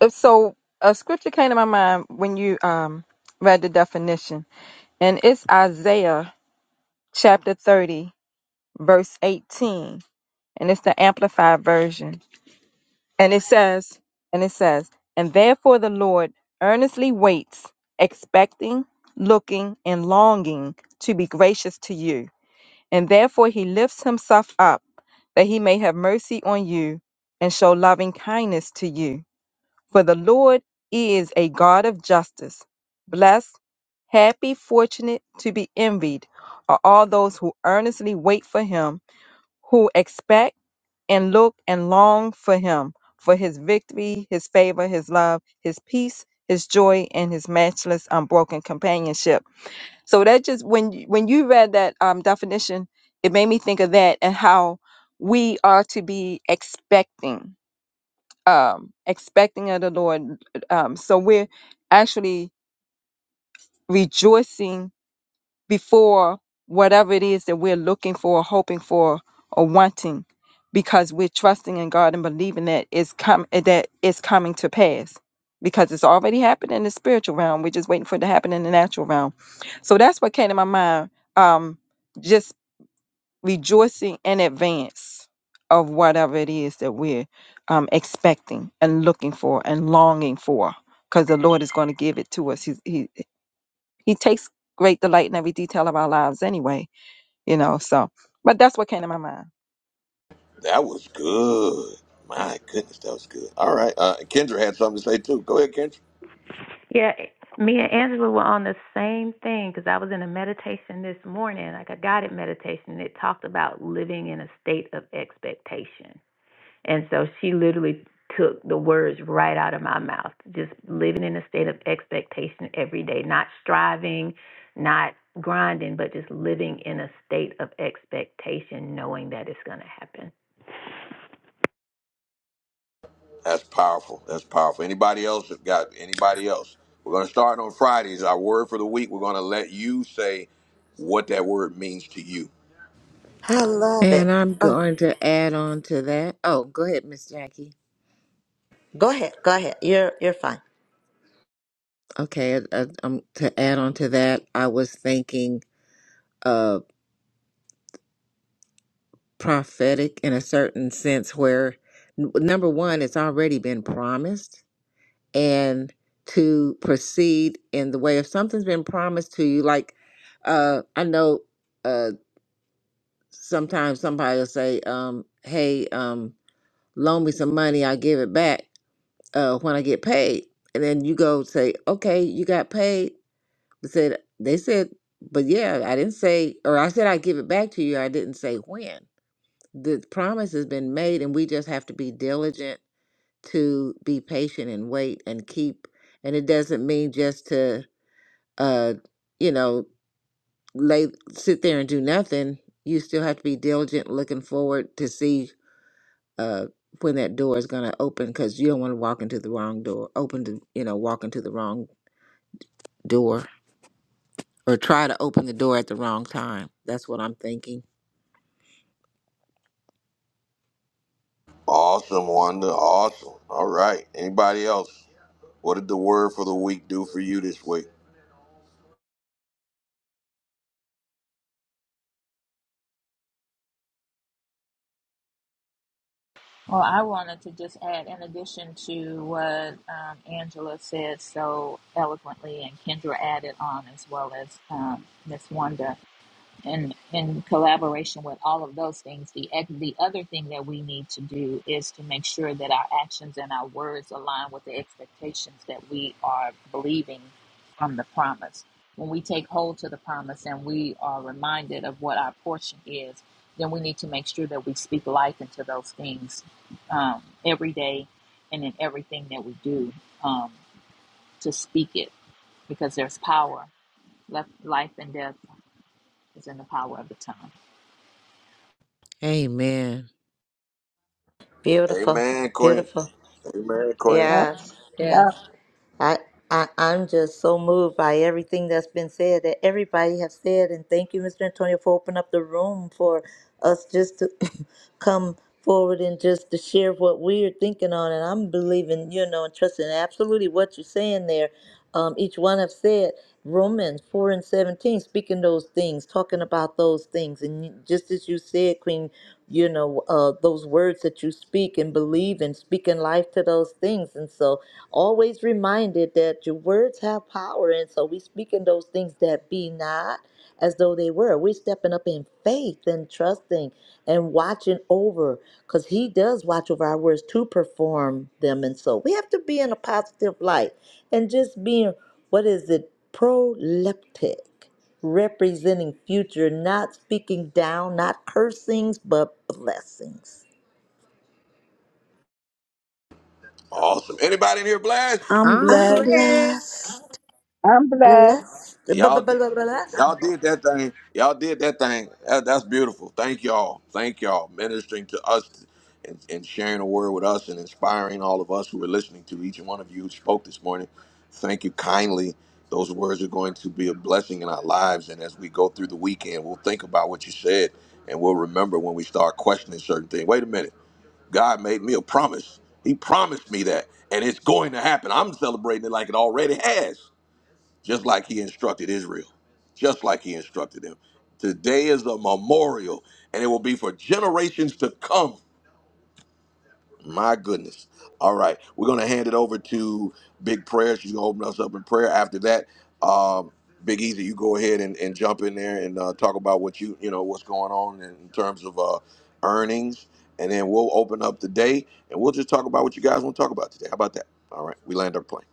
S5: If So, a scripture came to my mind when you um, read the definition, and it's Isaiah chapter 30, verse 18, and it's the Amplified Version. And it says, and it says, and therefore the Lord earnestly waits, expecting, looking, and longing to be gracious to you and therefore he lifts himself up, that he may have mercy on you and show loving kindness to you. For the Lord is a God of justice. Blessed, happy, fortunate, to be envied are all those who earnestly wait for him, who expect and look and long for him, for his victory, his favor, his love, his peace, his joy, and his matchless, unbroken companionship. So that just when you- when you read that um, definition, it made me think of that and how we are to be expecting, um, expecting of the Lord. Um, so we're actually rejoicing before whatever it is that we're looking for, hoping for, or wanting, because we're trusting in God and believing that it's com- that it's coming to pass. Because it's already happened in the spiritual realm. We're just waiting for it to happen in the natural realm. So that's what came to my mind. Um, just rejoicing in advance of whatever it is that we're um, expecting and looking for and longing for, because the Lord is going to give it to us. He's, he he takes great delight in every detail of our lives anyway you know. So, but that's what came to my mind.
S1: That was good. My goodness, that was good. All right, uh, Kendra had something to say too. Go ahead, Kendra. That's powerful. That's powerful. Anybody else have got anybody else? We're going to start on Fridays. Our word for the week. We're going to let you say what that word means to you.
S3: I love it.
S4: And I'm
S3: Oh,
S4: going to add on to that. Oh, go ahead, Miss Jackie.
S3: go ahead, go ahead. You're you're fine.
S4: Okay, I, I, um, to add on to that, I was thinking uh, prophetic in a certain sense where, n- number one, it's already been promised and to proceed in the way if something's been promised to you like uh i know uh sometimes somebody will say um hey um loan me some money i'll give it back uh when i get paid and then you go say okay you got paid they said they said but yeah i didn't say or i said i'd give it back to you i didn't say when the promise has been made and we just have to be diligent to be patient and wait and keep and it doesn't mean just to uh, you know, lay sit there and do nothing. You still have to be diligent, looking forward to see uh when that door is going to open because you don't want to walk into the wrong door. Open to you know walk into the wrong door or try to open the door at the wrong time. That's what I'm thinking.
S1: Awesome, Wanda. Awesome. All right. Anybody else? What did the word for the week do for you this week?
S8: Well, I wanted to just add, in addition to what um, Angela said so eloquently, and Kendra added on, as well as um, Miss Wanda and in collaboration with all of those things, the ec- the other thing that we need to do is to make sure that our actions and our words align with the expectations that we are believing from the promise. When we take hold to the promise and we are reminded of what our portion is, then we need to make sure that we speak life into those things um, every day and in everything that we do um, to speak it because there's power. Left, life and death is in the power of the tongue.
S4: Amen.
S3: Beautiful,
S1: Amen, Queen.
S3: beautiful.
S1: Amen, Queen.
S5: Yep.
S3: Yes,
S5: Yep.
S3: yes. I, I I'm just so moved by everything that's been said that everybody have said, and thank you, Mr. Antonio, for opening up the room for us just to (coughs) (clears throat) come forward and just to share what we're thinking on. And I'm believing, you know, and trusting absolutely what you're saying there. Um, each one have said Romans four and seventeen, speaking those things, talking about those things, and you- just as you said, Queen, you know, uh, those words that you speak and believe and speaking life to those things, and so always reminded that your words have power and so we speaking those things that be not as though they were we stepping up in faith and trusting and watching over because he does watch over our words to perform them and so we have to be in a positive light and just being what is it proleptic representing future not speaking down not cursings but blessings
S1: Awesome. Anybody in here blessed?
S2: I'm
S4: I'm
S3: i'm
S2: blessed.
S4: blessed.
S3: blessed
S5: I'm blessed.
S3: blessed
S1: Y'all,
S3: Blessed.
S8: I'm
S1: y'all
S8: Unbelievable
S1: did that thing. Y'all did that thing. That- that's beautiful. Thank y'all. Thank y'all ministering to us and, and sharing the word with us and inspiring all of us who are listening to each and one of you who spoke this morning. Thank you kindly. Those words are going to be a blessing in our lives. And as we go through the weekend, we'll think about what you said and we'll remember when we start questioning certain things. Wait a minute. God made me a promise. He promised me that. And it's going to happen. I'm celebrating it like it already has. just like he instructed Israel, just like he instructed them. Today is a memorial, and it will be for generations to come. My goodness. All right, we're going to hand it over to Big Prayer. She's going to open us up in prayer. After that, um, Big Easy, you go ahead and, and jump in there and uh, talk about what you you know what's going on in terms of uh, earnings, and then we'll open up the day and we'll just talk about what you guys want to talk about today. How about that? All right, we land our plane.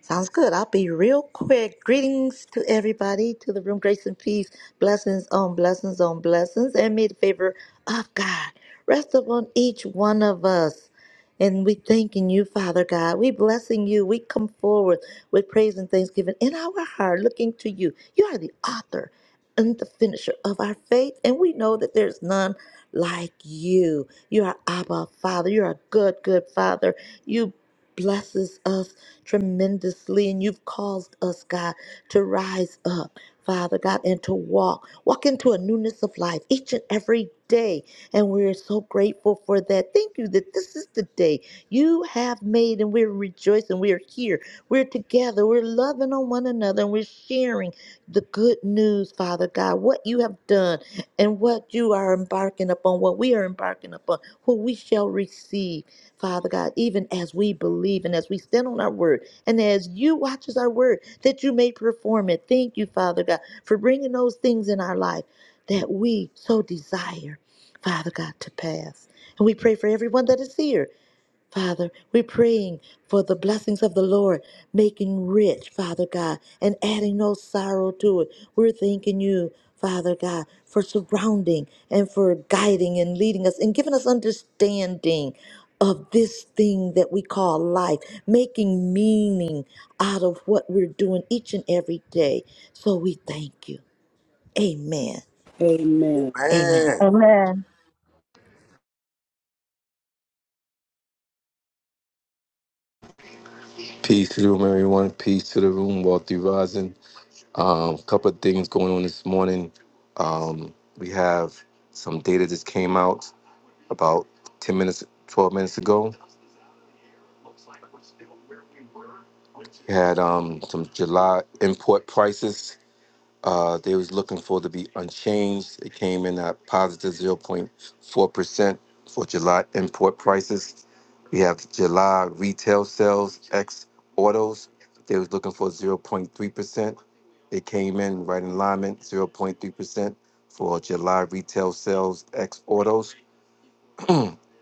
S3: Sounds good. I'll be real quick. Greetings to everybody, to the room, grace and peace, blessings on blessings on blessings, and may the favor of God rest upon each one of us. And we thanking you, Father God. We blessing you. We come forward with praise and thanksgiving in our heart, looking to you. You are the author and the finisher of our faith, and we know that there's none like you. You are Abba, Father. You are a good, good Father. You blesses us tremendously, and you've caused us, God, to rise up, Father God, and to walk, walk into a newness of life each and every day. And we're so grateful for that. Thank you that this is the day you have made, and we're rejoicing. We're here. We're together. We're loving on one another, and we're sharing the good news, Father God, what you have done and what you are embarking upon, what we are embarking upon, who we shall receive. Father God, even as we believe and as we stand on our word and as you watch us our word, that you may perform it. Thank you, Father God, for bringing those things in our life that we so desire, Father God, to pass. And we pray for everyone that is here Father, we're praying for the blessings of the Lord, making rich, Father God, and adding no sorrow to it. We're thanking you, Father God, for surrounding and for guiding and leading us and giving us understanding of this thing that we call life, making meaning out of what we're doing each and every day. So we thank you. Amen.
S2: Amen.
S3: Amen.
S1: Amen.
S5: Amen.
S7: Peace to the room, everyone. Peace to the room, Walter Rising. Um, couple of things going on this morning. Um, we have some data that came out. about 10 minutes 12 minutes ago We had um some july import prices uh they was looking for to be unchanged it came in at positive zero point 0.4 percent for july import prices we have july retail sales ex autos they was looking for zero point 0.3 percent it came in right in alignment zero point 0.3 percent for july retail sales ex autos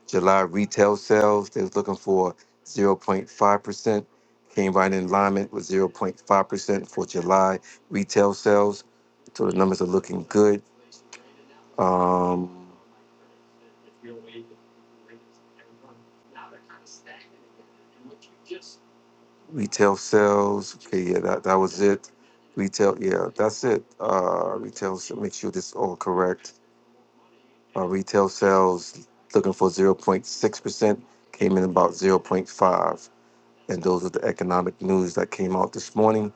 S7: July retail sales, they was looking for 0.5%, came right in alignment with 0.5% for July retail sales. So the numbers are looking good. Um, retail sales, okay, yeah, that, that was it. Retail, yeah, that's it. Uh, retail, so make sure this is all correct. Uh, retail sales looking for 0.6%, came in about zero point 0.5. And those are the economic news that came out this morning.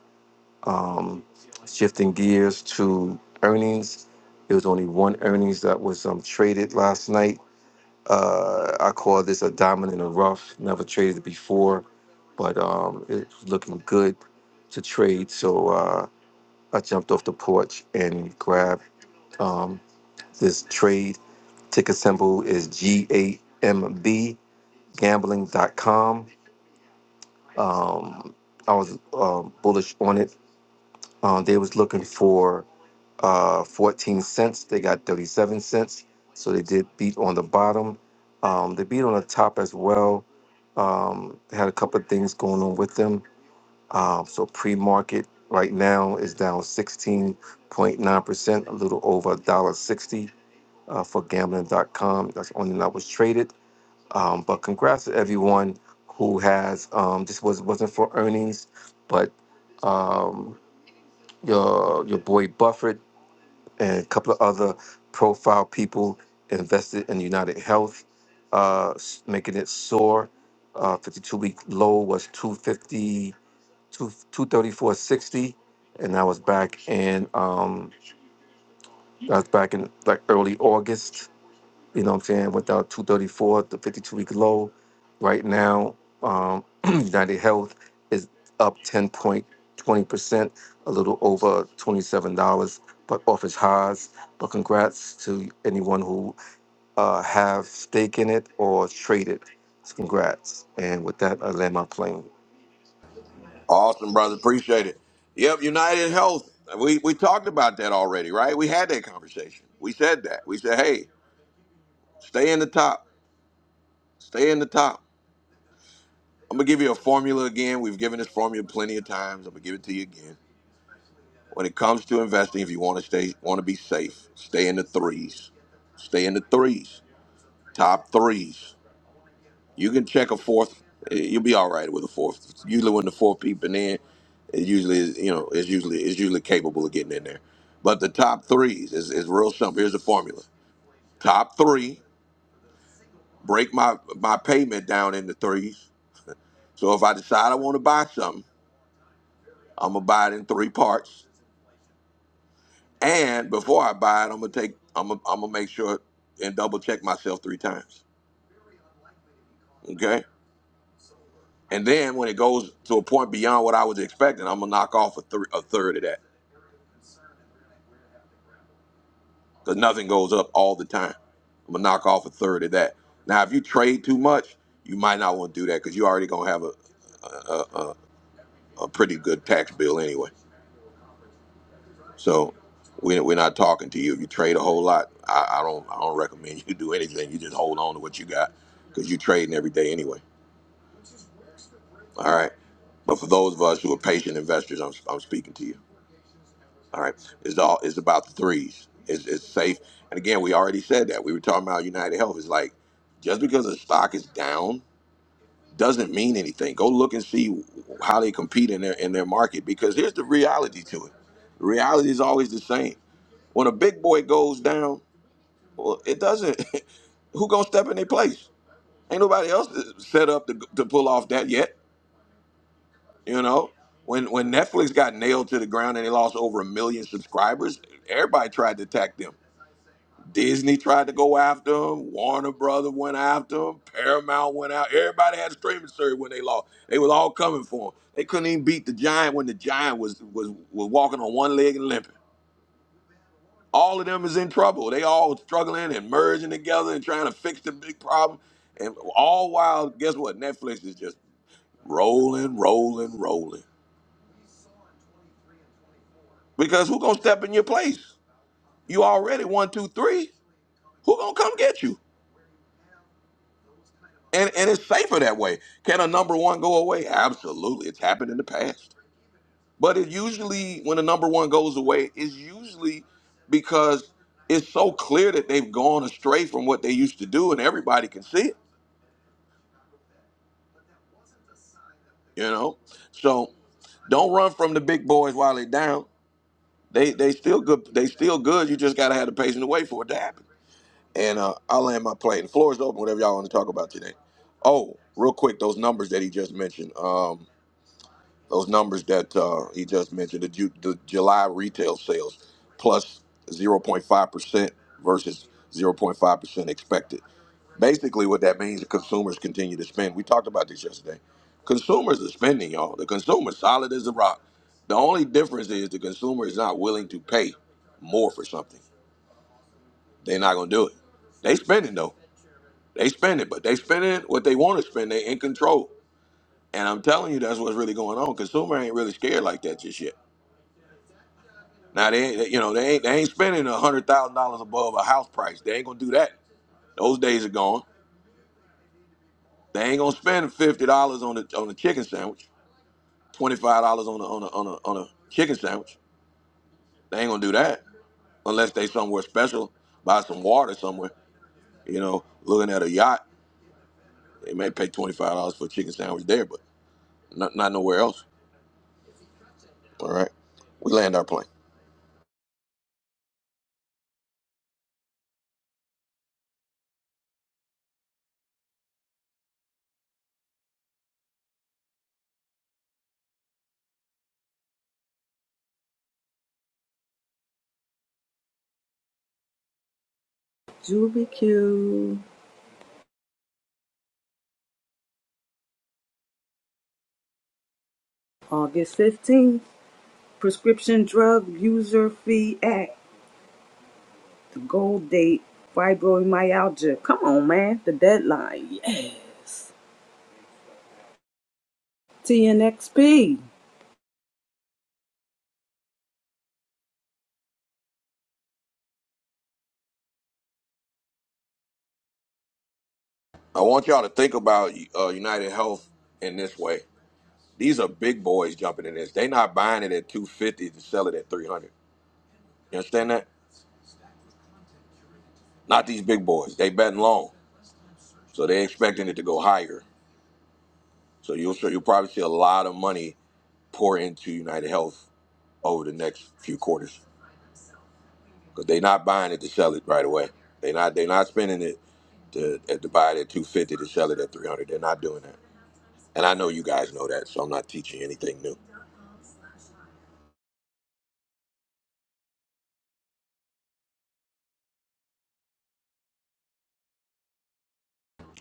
S7: um, shifting gears to earnings. There was only one earnings that was um, traded last night. Uh, I call this a diamond in the rough. Never traded it before, but um, it's looking good to trade. So uh, I jumped off the porch and grabbed um, this trade. Ticker symbol is GAMB, Gambling gambling.com. Um, I was um bullish on it Uh, they was looking for uh, 14 cents. They got 37 cents. So they did beat on the bottom. Um, they beat on the top as well. Um, they had a couple of things going on with them. Um, so pre-market right now is down 16.9%, a little over $1.60 uh, for gambling.com. That's the only thing that was traded. Um, but congrats to everyone who has, um, this was, wasn't for earnings, but um, your your boy Buffett and a couple of other profile people invested in United Health, uh, s- making it soar. Uh, 52 week low was two fifty two 234.60, and that was back in um, I was back in like early August you know what I'm saying? Went down 234, the 52 week low. Right now, um, (clears throat) United Health is up 10.20%, a little over $27, but off its highs. But congrats to anyone who uh, have stake in it or traded. Congrats. And with that, I land my plane.
S1: Awesome, brother. Appreciate it. Yep, United Health. We we talked about that already, right? We had that conversation. We said that. We said, hey, stay in the top. Stay in the top. I'm gonna give you a formula again. We've given this formula plenty of times. I'm gonna give it to you again. When it comes to investing, if you want to stay, want to be safe, stay in the threes. Stay in the threes. Top threes. You can check a fourth. Eh, You'll be all right with a fourth. Usually when the fourth peeping in, it usually is, you know, it's usually it's usually capable of getting in there. But the top threes is, is real simple. Here's the formula. Top three, break my my payment down into threes. So if I decide I want to buy something, I'm gonna buy it in three parts. And before I buy it, I'm gonna take I'm gonna, I'm gonna make sure and double check myself three times. Okay? And then when it goes to a point beyond what I was expecting, I'm gonna knock off a, thr a third of that. because nothing goes up all the time. I'm gonna knock off a third of that. Now, if you trade too much, you might not want to do that because you're already gonna have a a, a a pretty good tax bill anyway. So we we're not talking to you if you trade a whole lot. I, I don't I don't recommend (laughs) you do anything. You just hold on to what you got because you're trading every day anyway. All right. But for those of us who are patient investors, I'm I'm speaking to you. All right, it's all it's about the threes. It's, it's safe. And again, we already said that. We were talking about United Health. It's like just because the stock is down doesn't mean anything. Go look and see how they compete in their in their market because here's the reality to it. The reality is always the same. When a big boy goes down, well, it doesn't. (laughs) who gonna step in their place? Ain't nobody else set up to, to pull off that yet. You know, when when Netflix got nailed to the ground and they lost over a million subscribers, everybody tried to attack them Disney tried to go after him. Warner Brother went after him. Paramount went out. Everybody had a streaming service when they lost. They was all coming for him. They couldn't even beat the Giant when the Giant was was was walking on one leg and limping. All of them is in trouble. They all struggling and merging together and trying to fix the big problem. And all while, guess what? Netflix is just rolling, rolling, rolling. Because who gonna step in your place? You already one, two, three. Who gonna come get you? And and it's safer that way. Can a number one go away? Absolutely. It's happened in the past. But it usually when a number one goes away, it's usually because it's so clear that they've gone astray from what they used to do and everybody can see it, you know? So don't run from the big boys while they're down. They they still good they still good. You just gotta have the patience to wait for it to happen. And uh, I'll land my plane. The floor is open, whatever y'all want to talk about today. Oh, real quick, those numbers that he just mentioned. Um those numbers that uh, he just mentioned, the, Ju- the July retail sales 0.5% versus 0.5% expected. Basically, what that means is consumers continue to spend. We talked about this yesterday. Consumers are spending, y'all. The consumer solid as a rock. The only difference is the consumer is not willing to pay more for something. They're not gonna do it. They spending though. They spend it, but they spending what they want to spend. They in control. And I'm telling you, that's what's really going on. Consumer ain't really scared like that just yet. Now they ain't, you know, they ain't they ain't spending a hundred thousand dollars above a house price. They ain't gonna do that. Those days are gone. They ain't gonna spend fifty dollars on a on a chicken sandwich, twenty five dollars on a on a on a on a chicken sandwich. They ain't gonna do that unless they somewhere special, buy some water somewhere. You know, looking at a yacht, they may pay twenty five dollars for a chicken sandwich there, but not not nowhere else. All right, we land our plane.
S2: Julie Q. August 15th. Prescription Drug User Fee Act. The goal date. Fibromyalgia. Come on, man. The deadline. Yes. TNXP.
S1: I want y'all to think about uh, United Health in this way. These are big boys jumping in this. They not buying it at 250 to sell it at 300. You understand that? Not these big boys. They betting long, so they expecting it to go higher. So you'll so you'll probably see a lot of money pour into United Health over the next few quarters because they not buying it to sell it right away. They not they not spending it to, to buy it at 250 to sell it at 300. They're not doing that. And I know you guys know that, so I'm not teaching you anything new.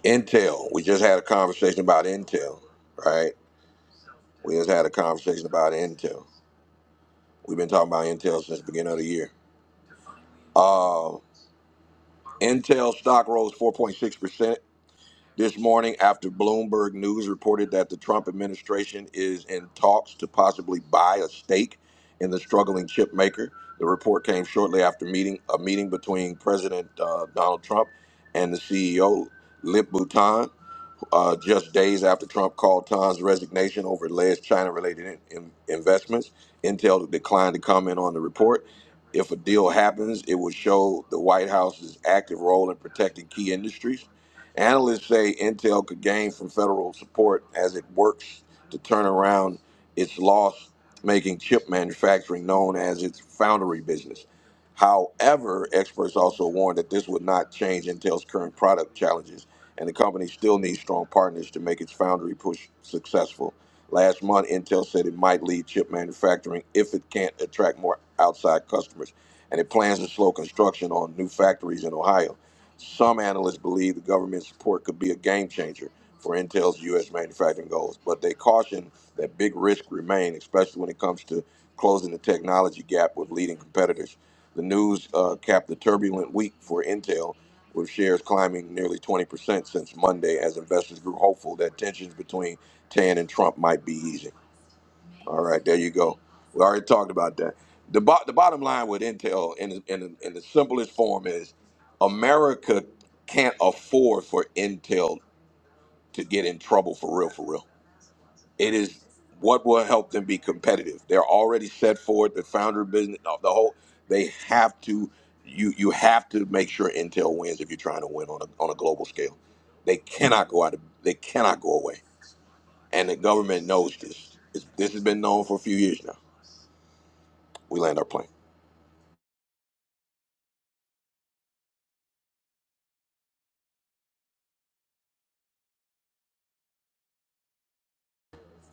S1: Intel, we just had a conversation about Intel, right? We just had a conversation about Intel. We've been talking about Intel since the beginning of the year. Uh, Intel stock rose 4.6% this morning after Bloomberg News reported that the Trump administration is in talks to possibly buy a stake in the struggling chip maker. The report came shortly after meeting a meeting between President uh, Donald Trump and the CEO Lip Bhutan. uh, just days after Trump called Tan's resignation over alleged China-related in, in- investments. Intel declined to comment on the report. If a deal happens, it would show the White House's active role in protecting key industries. Analysts say Intel could gain from federal support as it works to turn around its loss, making chip manufacturing known as its foundry business. However, experts also warn that this would not change Intel's current product challenges, and the company still needs strong partners to make its foundry push successful. Last month, Intel said it might lead chip manufacturing if it can't attract more outside customers, and it plans to slow construction on new factories in Ohio. Some analysts believe the government support could be a game changer for Intel's U.S. manufacturing goals, but they caution that big risks remain, especially when it comes to closing the technology gap with leading competitors. The news uh, capped the turbulent week for Intel, with shares climbing nearly 20% since Monday as investors grew hopeful that tensions between Tan and Trump might be easing. All right, there you go. We already talked about that. The, bo- the bottom line with Intel, in, in, in the simplest form, is America can't afford for Intel to get in trouble for real, for real it is what will help them be competitive. They're already set for it. The founder business, the whole, they have to. You you have to make sure Intel wins if you're trying to win on a on a global scale. They cannot go out. Of, they cannot go away. And the government knows this. It's, this has been known for a few years now. We land our plane.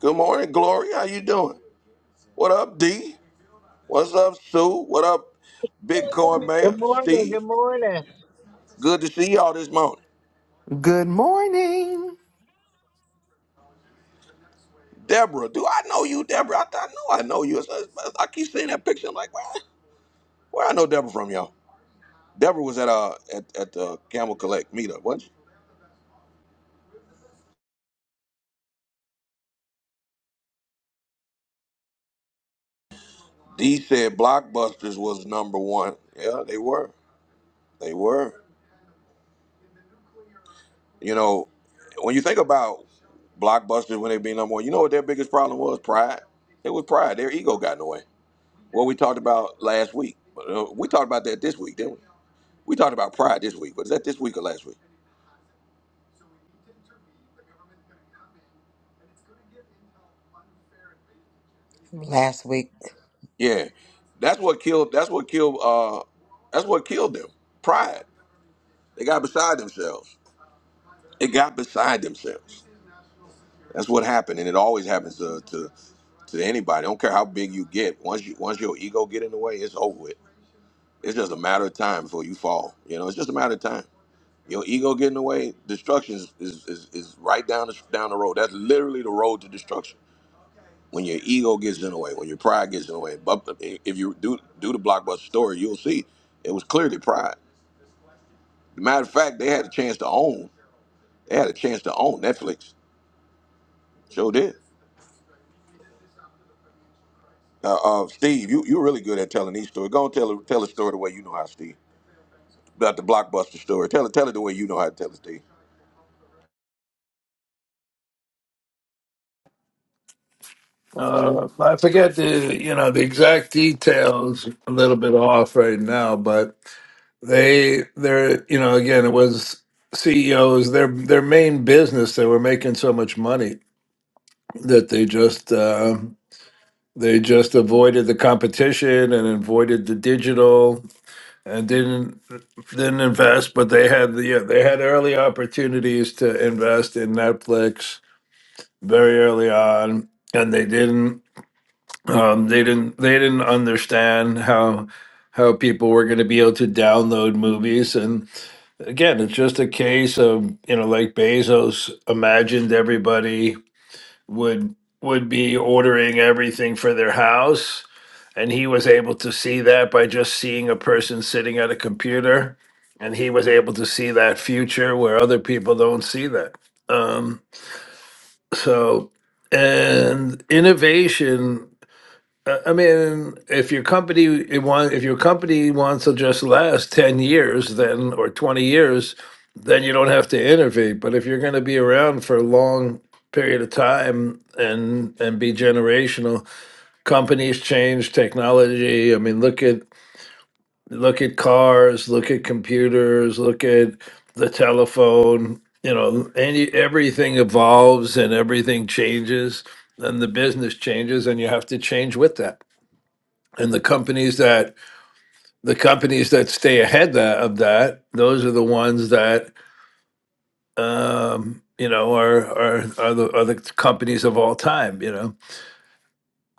S1: Good morning, Glory. How you doing? What up, D? What's up, Sue? What up, Bitcoin Mayor
S11: Good morning. Good
S1: Steve?
S11: morning.
S1: Good to see y'all this morning.
S12: Good morning.
S1: Deborah. Do I know you, Deborah? I, I know I know you. It's- it's- I keep seeing that picture. I'm like, where, where I know Deborah from, y'all? Deborah was at uh at, at the Camel Collect meetup, wasn't she? D said Blockbusters was number one. Yeah, they were. They were. You know, when you think about Blockbusters when they be number one, you know what their biggest problem was? Pride. It was pride. Their ego got in the way. What we talked about last week. Uh, We talked about that this week, didn't we? We talked about pride this week. Was that this week or last week?
S4: Last week,
S1: Yeah, that's what killed. That's what killed. Uh, that's what killed them. Pride. They got beside themselves. They got beside themselves. That's what happened, and it always happens to to, to anybody. I don't care how big you get. Once you once your ego get in the way, it's over with. It's just a matter of time before you fall. You know, it's just a matter of time. Your ego get in the way, destruction is, is, is, is right down the, down the road. That's literally the road to destruction. when your ego gets in the way, when your pride gets in the way. But if you do do the blockbuster story, you'll see it was clearly pride. matter of fact, they had a chance to own. They had a chance to own Netflix. Sure did. Uh, uh, Steve, you you're really good at telling these stories. Go and tell tell a story the way you know how, Steve. About the blockbuster story. Tell it tell it the way you know how to tell it, Steve.
S13: Uh, I forget the you know the exact details. A little bit off right now, but they they're you know again it was CEOs their their main business. They were making so much money that they just uh, they just avoided the competition and avoided the digital and didn't didn't invest. But they had the yeah, they had early opportunities to invest in Netflix very early on, and they didn't um, they didn't they didn't understand how how people were going to be able to download movies and again it's just a case of you know like bezos imagined everybody would would be ordering everything for their house and he was able to see that by just seeing a person sitting at a computer and he was able to see that future where other people don't see that um, so and innovation I mean, if your company it want if your company wants to just last ten years, then or twenty years, then you don't have to innovate. But if you're going to be around for a long period of time and and be generational, companies change technology. I mean, look at look at cars, look at computers, look at the telephone. You know, any everything evolves and everything changes, and the business changes, and you have to change with that and the companies that the companies that stay ahead that, of that those are the ones that um you know are are are the are the companies of all time you know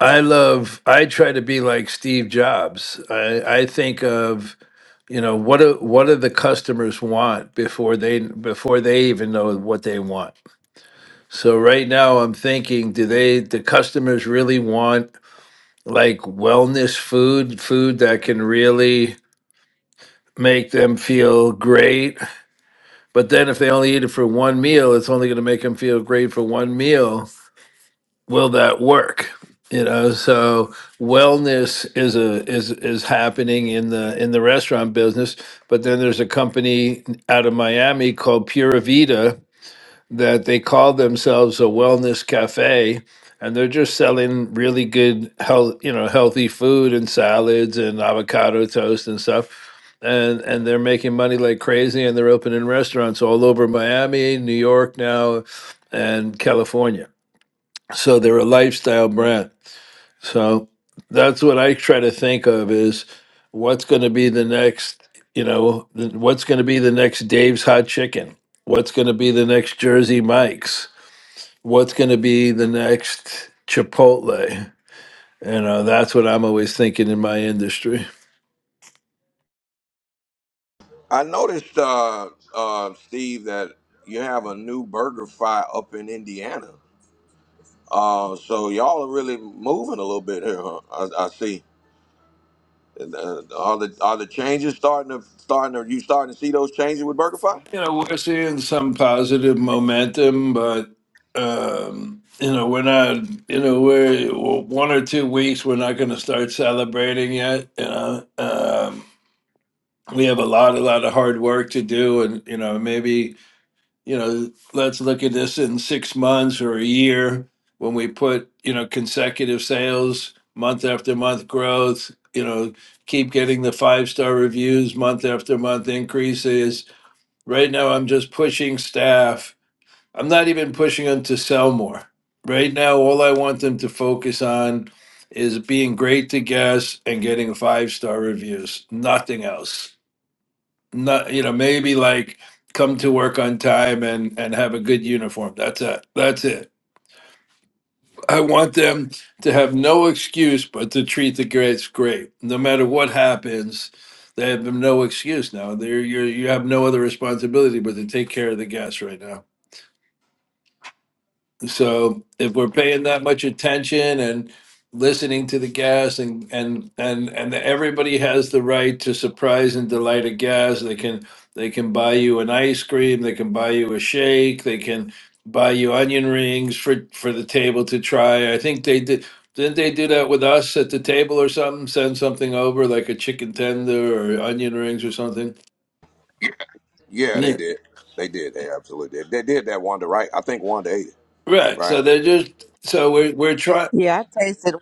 S13: i love i try to be like steve jobs i i think of you know what do what do the customers want before they before they even know what they want so right now i'm thinking do they the customers really want like wellness food food that can really make them feel great. But then if they only eat it for one meal, it's only going to make them feel great for one meal. Will that work? You know, so wellness is a is is happening in the in the restaurant business, but then there's a company out of Miami called Pura Vida that they call themselves a wellness cafe and they're just selling really good health you know healthy food and salads and avocado toast and stuff and and they're making money like crazy and they're opening restaurants all over Miami, New York now and California. So they're a lifestyle brand. So that's what I try to think of is what's going to be the next, you know, th- what's going to be the next Dave's Hot Chicken? What's going to be the next Jersey Mike's? what's going to be the next Chipotle? You know, that's what I'm always thinking in my industry.
S1: I noticed, uh, uh, Steve, that you have a new burger fry up in Indiana. Uh, so y'all are really moving a little bit here, huh? I, I see. And, uh, are the are the changes starting to starting to you starting to see those changes with BurgerFi?
S13: You know, we're seeing some positive momentum, but um, you know, we're not. You know, we're one or two weeks. We're not going to start celebrating yet. You know, um, we have a lot, a lot of hard work to do, and you know, maybe you know, let's look at this in six months or a year when we put, you know, consecutive sales, month after month growth, you know, keep getting the five star reviews, month after month increases. Right now, I'm just pushing staff. I'm not even pushing them to sell more. Right now, all I want them to focus on is being great to guests and getting five star reviews, nothing else not you know maybe like come to work on time and and have a good uniform that's it that's it i want them to have no excuse but to treat the kids great no matter what happens they have no excuse now they're you're, you have no other responsibility but to take care of the guests right now So if we're paying that much attention and listening to the gas and and and and everybody has the right to surprise and delight a gas, they can they can buy you an ice cream, they can buy you a shake, they can buy you onion rings for for the table to try. I think they did didn't they do that with us at the table or something? Send something over like a chicken tender or onion rings or something.
S1: Yeah, they
S13: Yeah.
S1: did. They did. They absolutely did. They did that Wanda, right? I think Wanda ate it,
S13: Right.
S1: right?
S13: So they're just so we're we're trying.
S4: Yeah, I tasted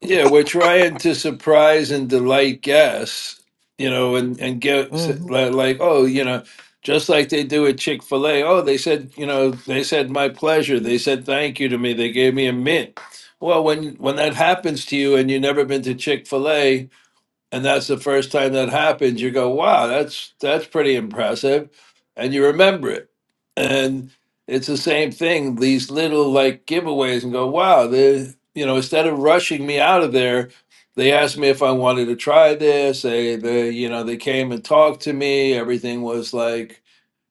S13: Yeah, we're trying to surprise and delight guests, you know, and and get s-
S4: one.
S13: like, oh, you know, just like they do at Chick-fil-A. Oh, they said, you know, they said my pleasure. They said thank you to me. They gave me a mint. Well, when when that happens to you and you've never been to Chick-fil-A, and that's the first time that happens you go wow that's that's pretty impressive and you remember it and it's the same thing these little like giveaways and go wow they you know instead of rushing me out of there they asked me if i wanted to try this they they you know they came and talked to me everything was like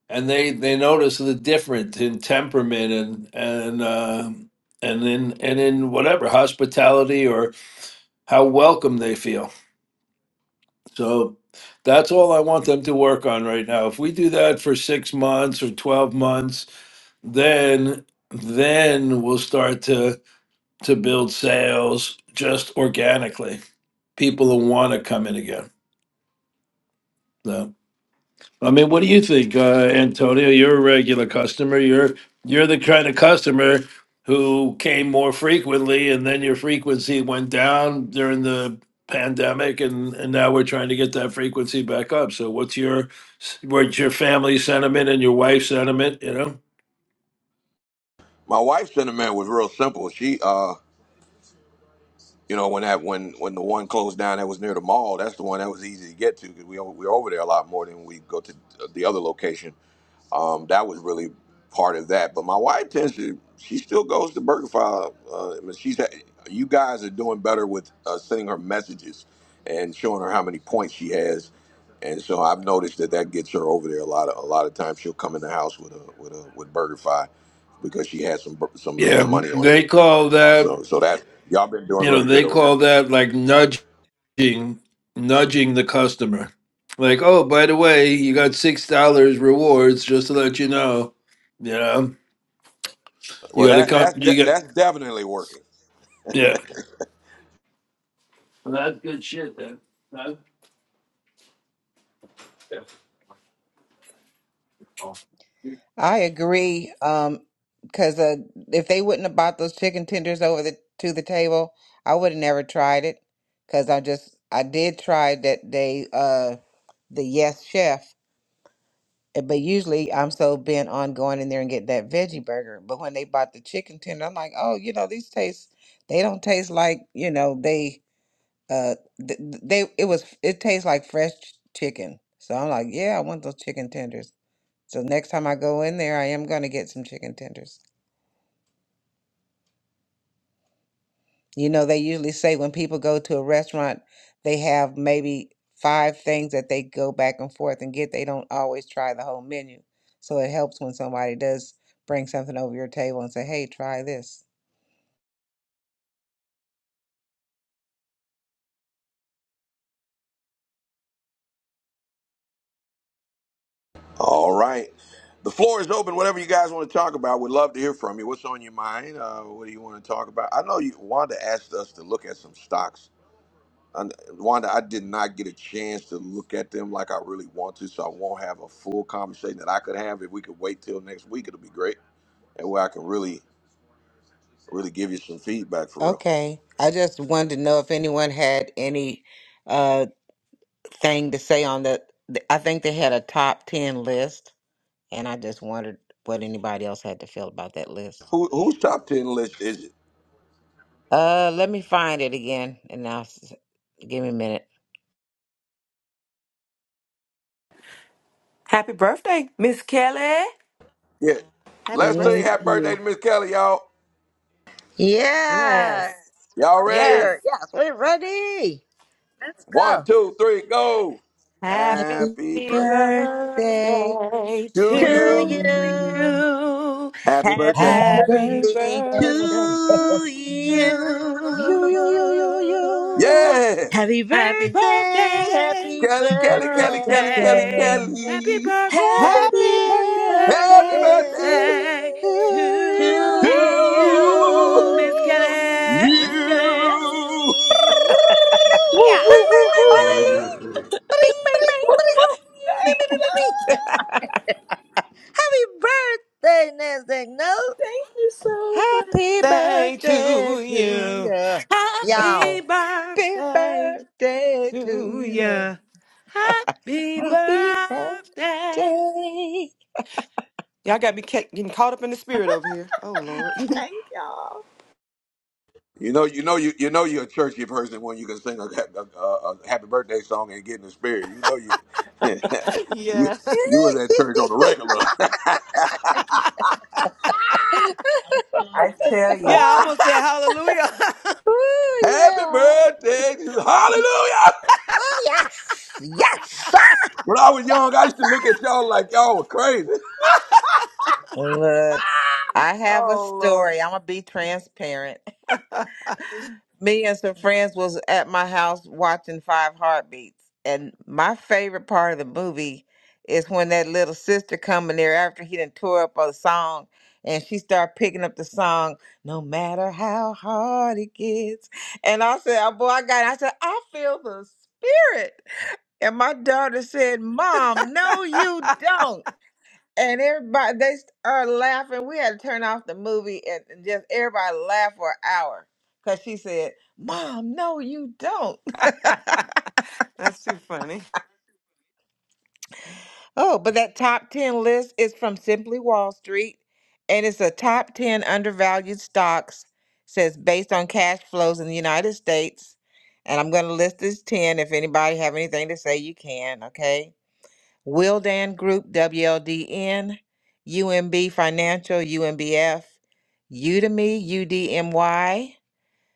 S13: and they they noticed the difference in temperament and and uh, and in and in whatever hospitality or how welcome they feel so that's all I want them to work on right now. If we do that for six months or 12 months, then then we'll start to to build sales just organically. People will want to come in again. So I mean, what do you think, uh, Antonio? You're a regular customer. You're you're the kind of customer who came more frequently, and then your frequency went down during the pandemic, and and now we're trying to get that frequency back up. So, what's your what's your family sentiment and your wife's sentiment? You know.
S1: My wife's sentiment was real simple. She, uh, you know, when that when when the one closed down that was near the mall, that's the one that was easy to get to because we o- we were over there a lot more than we go to uh, the other location. um, that was really part of that. But my wife tends to, she still goes to BurgerFi. Uh, I mean, she's, had- you guys are doing better with uh, sending her messages and showing her how many points she has. And so I've noticed that that gets her over there a lot. Of, a lot of times she'll come in the house with a with a with BurgerFi because she has some bur- some
S13: Yeah,
S1: some money on
S13: they
S1: there.
S13: call that,
S1: So so that y'all been doing
S13: you know,
S1: really good
S13: they
S1: on
S13: call
S1: that.
S13: that like nudging, nudging the customer. Like, oh, by the way, you got six dollars rewards just to let you know. You know, you
S1: Well,
S13: got to
S1: that
S13: come,
S1: that's de-
S13: you got,
S1: that's definitely working.
S13: yeah. Well, that's good shit, then. Huh?
S4: I agree. Um, because uh, if they wouldn't have bought those chicken tenders over the to the table, I would have never tried it. Because I just I did try that day. Uh, the Yes Chef, eh, but usually I'm so bent on going in there and get that veggie burger. But when they bought the chicken tender, I'm like, oh, you know, these taste. They don't taste like you know they uh th- th- they it was it tastes like fresh ch- chicken. So I'm like, yeah, I want those chicken tenders. So next time I go in there, I am going to get some chicken tenders. You know, they usually say when people go to a restaurant, they have maybe five things that they go back and forth and get. They don't always try the whole menu. So it helps when somebody does bring something over your table and say, hey, try this.
S1: All right. The floor is open. Whatever you guys want to talk about, we'd love to hear from you. What's on your mind? Uh, what do you want to talk about? I know you, Wanda asked us to look at some stocks. And uh, Wanda, I did not get a chance to look at them like I really want to, so I won't have a full conversation that I could have. If we could wait till next week, it'll be great, and where I can really, really give you some feedback for real.
S4: Okay. I just wanted to know if anyone had any uh thing to say on the, th- I think they had a top 10 list, and I just wondered what anybody else had to feel about that list.
S1: Who, whose top ten list is it?
S4: Uh, let me find it again, and now s- give me a minute.
S9: Happy birthday, Miss Kelly.
S1: Yeah.
S9: Happy
S1: Let's sing
S2: Thank
S1: "Happy
S9: birthday.
S2: you.
S1: Birthday" to Miss Kelly, y'all.
S9: Yes,
S3: Yes,
S1: Y'all
S3: for
S9: yes.
S1: ready?
S3: sure. Yes, we're ready. Let's
S1: One,
S3: go.
S1: two, three, go.
S9: Happy
S3: Happy
S1: Happy birthday.
S3: birthday
S9: birthday
S1: to
S3: to
S1: you.
S9: to
S3: you.
S9: you.
S1: Happy birthday.
S3: Happy
S4: Happy
S11: Happy
S9: Happy
S4: birthday,
S3: birthday
S9: birthday to
S3: to you.
S4: yo
S9: you.
S4: yo yo yo yo.
S1: Yeah.
S3: Happy
S9: Happy
S3: birthday,
S9: birthday,
S3: happy
S1: Kelly, Kelly, Kelly, Kelly,
S3: birthday.
S1: Kelly,
S9: birthday.
S11: birthday
S9: Happy
S1: Kelly.
S4: Happy
S9: birthday
S12: Happy
S3: Happy
S1: Happy
S12: birthday
S4: birthday
S1: birthday
S3: birthday
S12: to
S9: birthday
S4: to
S3: to
S9: to
S4: you.
S1: to
S9: you, Miss Kelly, Miss Kelly.
S12: you.
S1: you.
S5: Woo,
S4: Yeah.
S1: Bing,
S5: woo,
S1: bing,
S5: woo,
S1: bing,
S5: woo,
S14: Yeah, we
S1: bing.
S9: Hallelujah.
S3: you. Bring,
S4: Bing bing
S3: bring,
S5: woo.
S4: bing.
S3: bring. Beep,
S2: Thank
S3: beep, beep, beep, beep.
S2: y'all.
S3: Happy birthday, Nasdaq Notes.
S2: Thank you so much.
S4: Happy
S9: Birthday
S4: birthday
S9: to
S4: to
S9: you.
S4: you.
S9: Happy
S3: Y'all.
S4: Happy
S9: birthday
S4: birthday
S9: to
S4: to you.
S9: you. Happy
S4: Happy
S9: birthday.
S4: birthday.
S9: Y'all got me ca- getting caught up in the spirit over here. Oh, Lord. (laughs)
S2: Thank y'all.
S1: You know, you know, you you know, you're a churchy person when you can sing a, a, a, a happy birthday song and get in the spirit. You know, you (laughs) you,
S9: yeah.
S1: you was at church on the regular. (laughs)
S4: I tell you.
S9: Yeah, I almost said hallelujah.
S3: Oh,
S1: happy
S3: yeah.
S1: birthday to Hallelujah.
S3: Yes, yes.
S1: When I was young, I used to look at y'all like y'all were crazy.
S4: Look, I
S9: (laughs)
S4: have a
S9: oh, Lord.
S4: story. I'm gonna be transparent. (laughs) Me and some friends was at my house watching Five Heartbeats, and my favorite part of the movie is when that little sister come in there after he done tore up a song, and she start picking up the song, no matter how hard it gets. And I said, "Oh boy, I got." It. I said, "I feel the spirit." And my daughter said, "Mom, no, you don't." And everybody, they are laughing. We had to turn off the movie and and just everybody laughed for an hour because she said, Mom, no, you don't. (laughs)
S9: (laughs) That's too funny.
S4: Oh, but that top 10 list is from Simply Wall Street and it's a top 10 undervalued stocks, says based on cash flows in the United States. And I'm going to list this 10. If anybody have anything to say, you can, okay? Wildan Group, WLDN, UMB Financial, UMBF, Udemy, UDMY,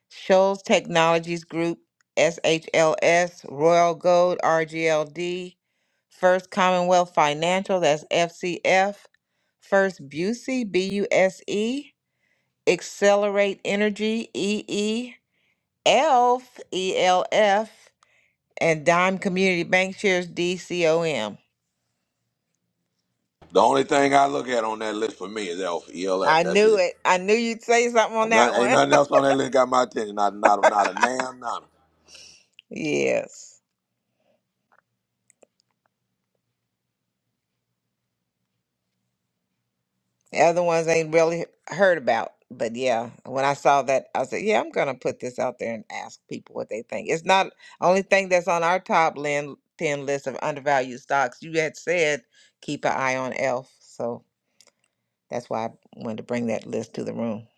S4: Shoals Technologies Group, SHLS, Royal Gold, RGLD, First Commonwealth Financial, that's FCF, First Busey, BUSE, Accelerate Energy, EE, ELF, ELF, E L F, and Dime Community Bank Shares, DCOM.
S1: The only thing I look at on that list for me is Elf, ELF.
S4: I
S1: That's
S4: knew
S1: it.
S4: it. I knew you'd say something on that
S1: None, ain't
S4: one.
S1: nothing else on that list got my attention. Not not not a damn none.
S4: (laughs) yes. The other ones ain't really heard about. But yeah, when I saw that, I said, yeah, I'm going to put this out there and ask people what they think. It's not only thing that's on our top lin- 10 list of undervalued stocks. You had said keep an eye on ELF. So that's why I wanted to bring that list to the room.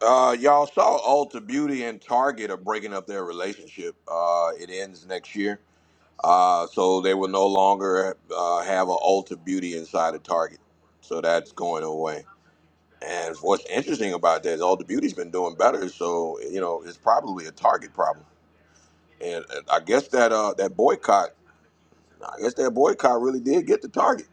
S1: Uh, y'all saw Ulta Beauty and Target are breaking up their relationship. Uh, it ends next year. Uh, so they will no longer uh, have an Ulta Beauty inside of Target. So that's going away. And what's interesting about that is Ulta Beauty's been doing better. So you know it's probably a Target problem. And uh, I guess that uh, that boycott Nah, I guess that boycott really did get the target.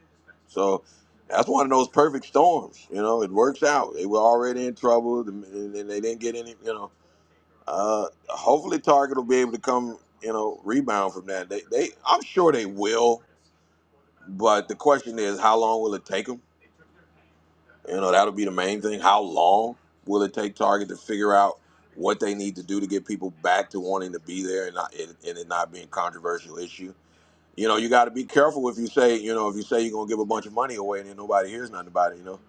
S1: So that's one of those perfect storms. You know, it works out. They were already in trouble, and and they didn't get any. You know, uh, hopefully Target will be able to come. You know, rebound from that. They, they, I'm sure they will. But the question is, how long will it take them? You know, that'll be the main thing. How long will it take Target to figure out what they need to do to get people back to wanting to be there and not and, and it not being a controversial issue? You know, you got to be careful if you say, you know, if you say you're gonna give a bunch of money away and then nobody hears nothing about it. You know,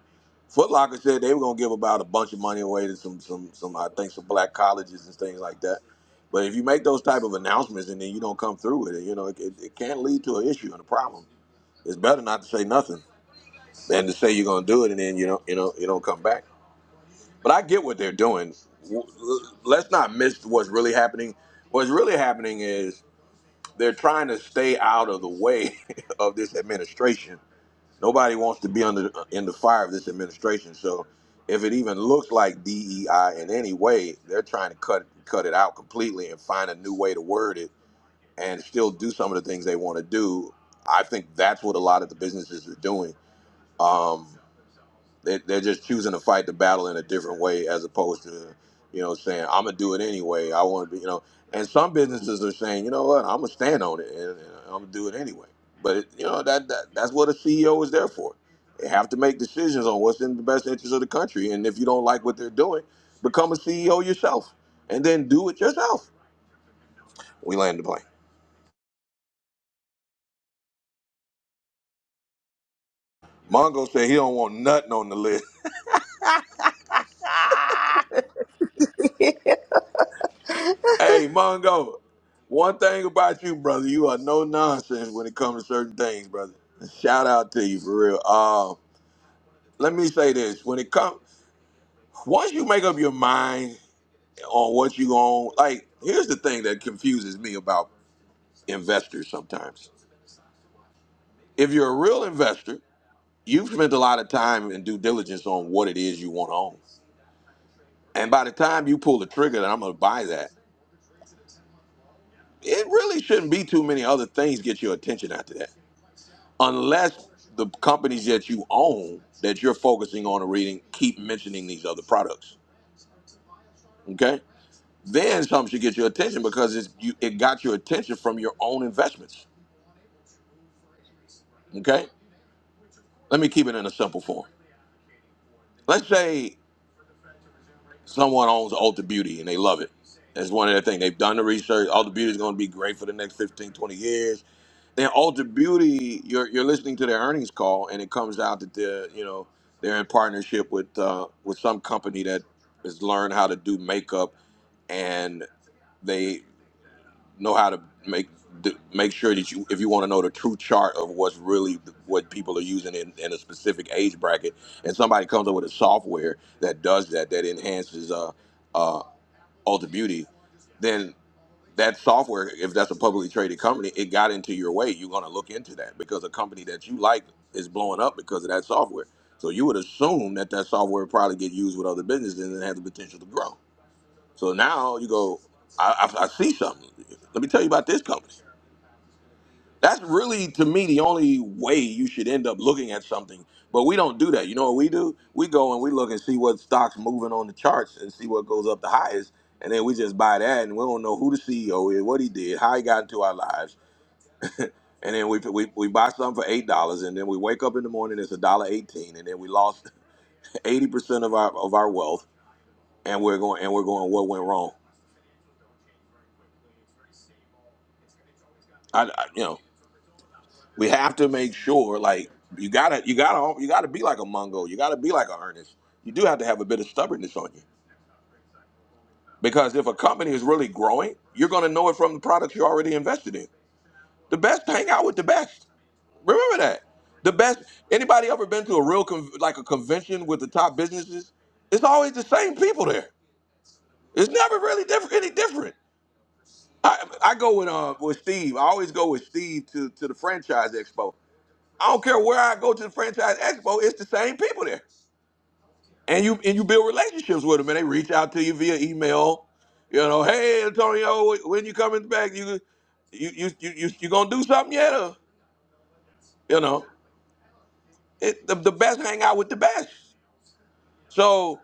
S1: Foot Locker said they were gonna give about a bunch of money away to some, some, some, I think some black colleges and things like that. But if you make those type of announcements and then you don't come through with it, you know, it, it, it can lead to an issue and a problem. It's better not to say nothing than to say you're gonna do it and then you don't, you know, you don't come back. But I get what they're doing. W- Let's not miss what's really happening. What's really happening is they're trying to stay out of the way (laughs) of this administration. Nobody wants to be under uh, in the fire of this administration. So if it even looks like DEI in any way, they're trying to cut cut it out completely and find a new way to word it and still do some of the things they want to do. I think that's what a lot of the businesses are doing. Um, they, they're just choosing to fight the battle in a different way as opposed to you know saying i'm gonna do it anyway i want to be you know and some businesses are saying you know what i'm gonna stand on it and, and i'm gonna do it anyway but it, you know that, that that's what a ceo is there for they have to make decisions on what's in the best interest of the country and if you don't like what they're doing become a ceo yourself and then do it yourself we land the plane mongo said he don't want nothing on the list Hey, Mongo, one thing about you, brother, you are no nonsense when it comes to certain things, brother. Shout out to you for real. Uh, let me say this: when it comes, once you make up your mind on what you own, like here's the thing that confuses me about investors sometimes. If you're a real investor, you've spent a lot of time and due diligence on what it is you want to own, and by the time you pull the trigger that I'm going to buy that, it really shouldn't be too many other things get your attention after that unless the companies that you own that you're focusing on and reading keep mentioning these other products. Okay, then something should get your attention because it's, you, it got your attention from your own investments. Okay, let me keep it in a simple form. Let's say someone owns Ulta Beauty and they love it. That's one of their thing. They've done the research. Ulta Beauty is going to be great for the next 15, 20 years And Alter Beauty, you're you're listening to their earnings call, and it comes out that they're you know they're in partnership with uh, with some company that has learned how to do makeup, and they know how to make d- make sure that you if you want to know the true chart of what's really what people are using in, in a specific age bracket, and somebody comes up with a software that does that that enhances uh, uh, Alter Beauty, then that software, if that's a publicly traded company, it got into your way. You're going to look into that because a company that you like is blowing up because of that software. So you would assume that that software would probably get used with other businesses and it has the potential to grow. So now you go, I, I, I see something. Let me tell you about this company. That's really, to me, the only way you should end up looking at something. But we don't do that. You know what we do? We go and we look and see what stocks moving on the charts and see what goes up the highest, and then we just buy that, and we don't know who the CEO is, what he did, how he got into our lives, and then we we, we buy something for eight dollars, and then we wake up in the morning it's a dollar eighteen, and then we lost (laughs) eighty percent of our of our wealth, and we're going and we're going what went wrong? I, I you know. we have to make sure like you gotta you gotta you gotta be like a Mungo. You gotta be like a Ernest. You do have to have a bit of stubbornness on you. Because if a company is really growing, you're gonna know it from the products you're already invested in. The best hang out with the best. Remember that. The best anybody ever been to a real con- like a convention with the top businesses? It's always the same people there. It's never really (laughs) different any different. I, I go with uh with Steve. I always go with Steve to, to the franchise expo. I don't care where I go to the franchise expo, it's the same people there. And you and you build relationships with them, and they reach out to you via email. You know, hey Antonio, when you coming back? You you you you you, you gonna do something yet? Or, you know, it, the, the best hang out with the best. So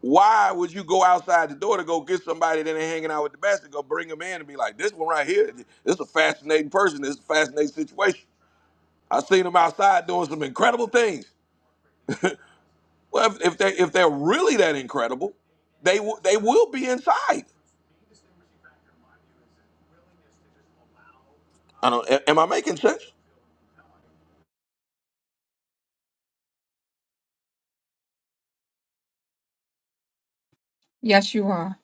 S1: why would you go outside the door to go get somebody that ain't hanging out with the best and go bring them in and be like, this one right here, this is a fascinating person. This is a fascinating situation. I seen him outside doing some incredible things. Well, if, if they if they're really that incredible, they w- they will be inside. I don't. a- Am I making sense?
S5: Yes, you are.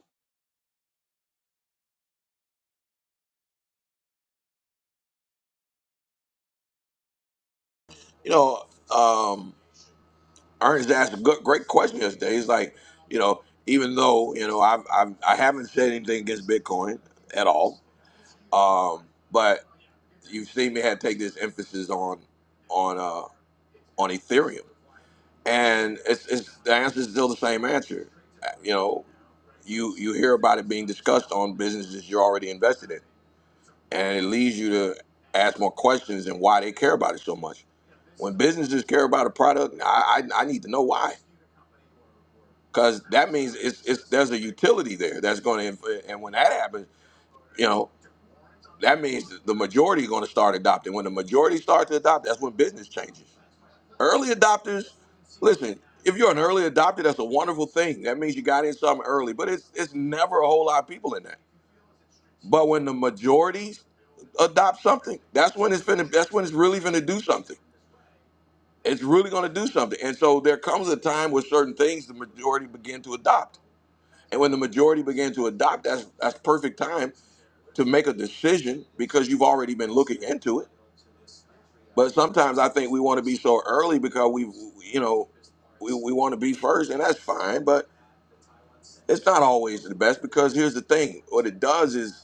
S1: You know, um, Ernest asked a good, great question yesterday. He's like, you know, even though you know I've, I've I haven't said anything against Bitcoin at all, um, but you've seen me have take this emphasis on on uh, on Ethereum, and it's, it's the answer is still the same answer. Uh, You know, you you hear about it being discussed on businesses you're already invested in and it leads you to ask more questions and why they care about it so much. When businesses care about a product, nah, I I, I need to know why, because that means it's, it's there's a utility there that's going to, and when that happens, you know that means the majority is going to start adopting. When the majority starts to adopt, that's when business changes. Early adopters, listen. If you're an early adopter, that's a wonderful thing. That means you got in something early, but it's it's never a whole lot of people in that. But when the majority adopt something, that's when it's finna, that's when it's really gonna do something. It's really gonna do something. And so there comes a time where certain things the majority begin to adopt. And when the majority begin to adopt, that's that's perfect time to make a decision because you've already been looking into it. But sometimes I think we want to be so early because we, you know, we, we want to be first, and that's fine. But it's not always the best because here's the thing: what it does is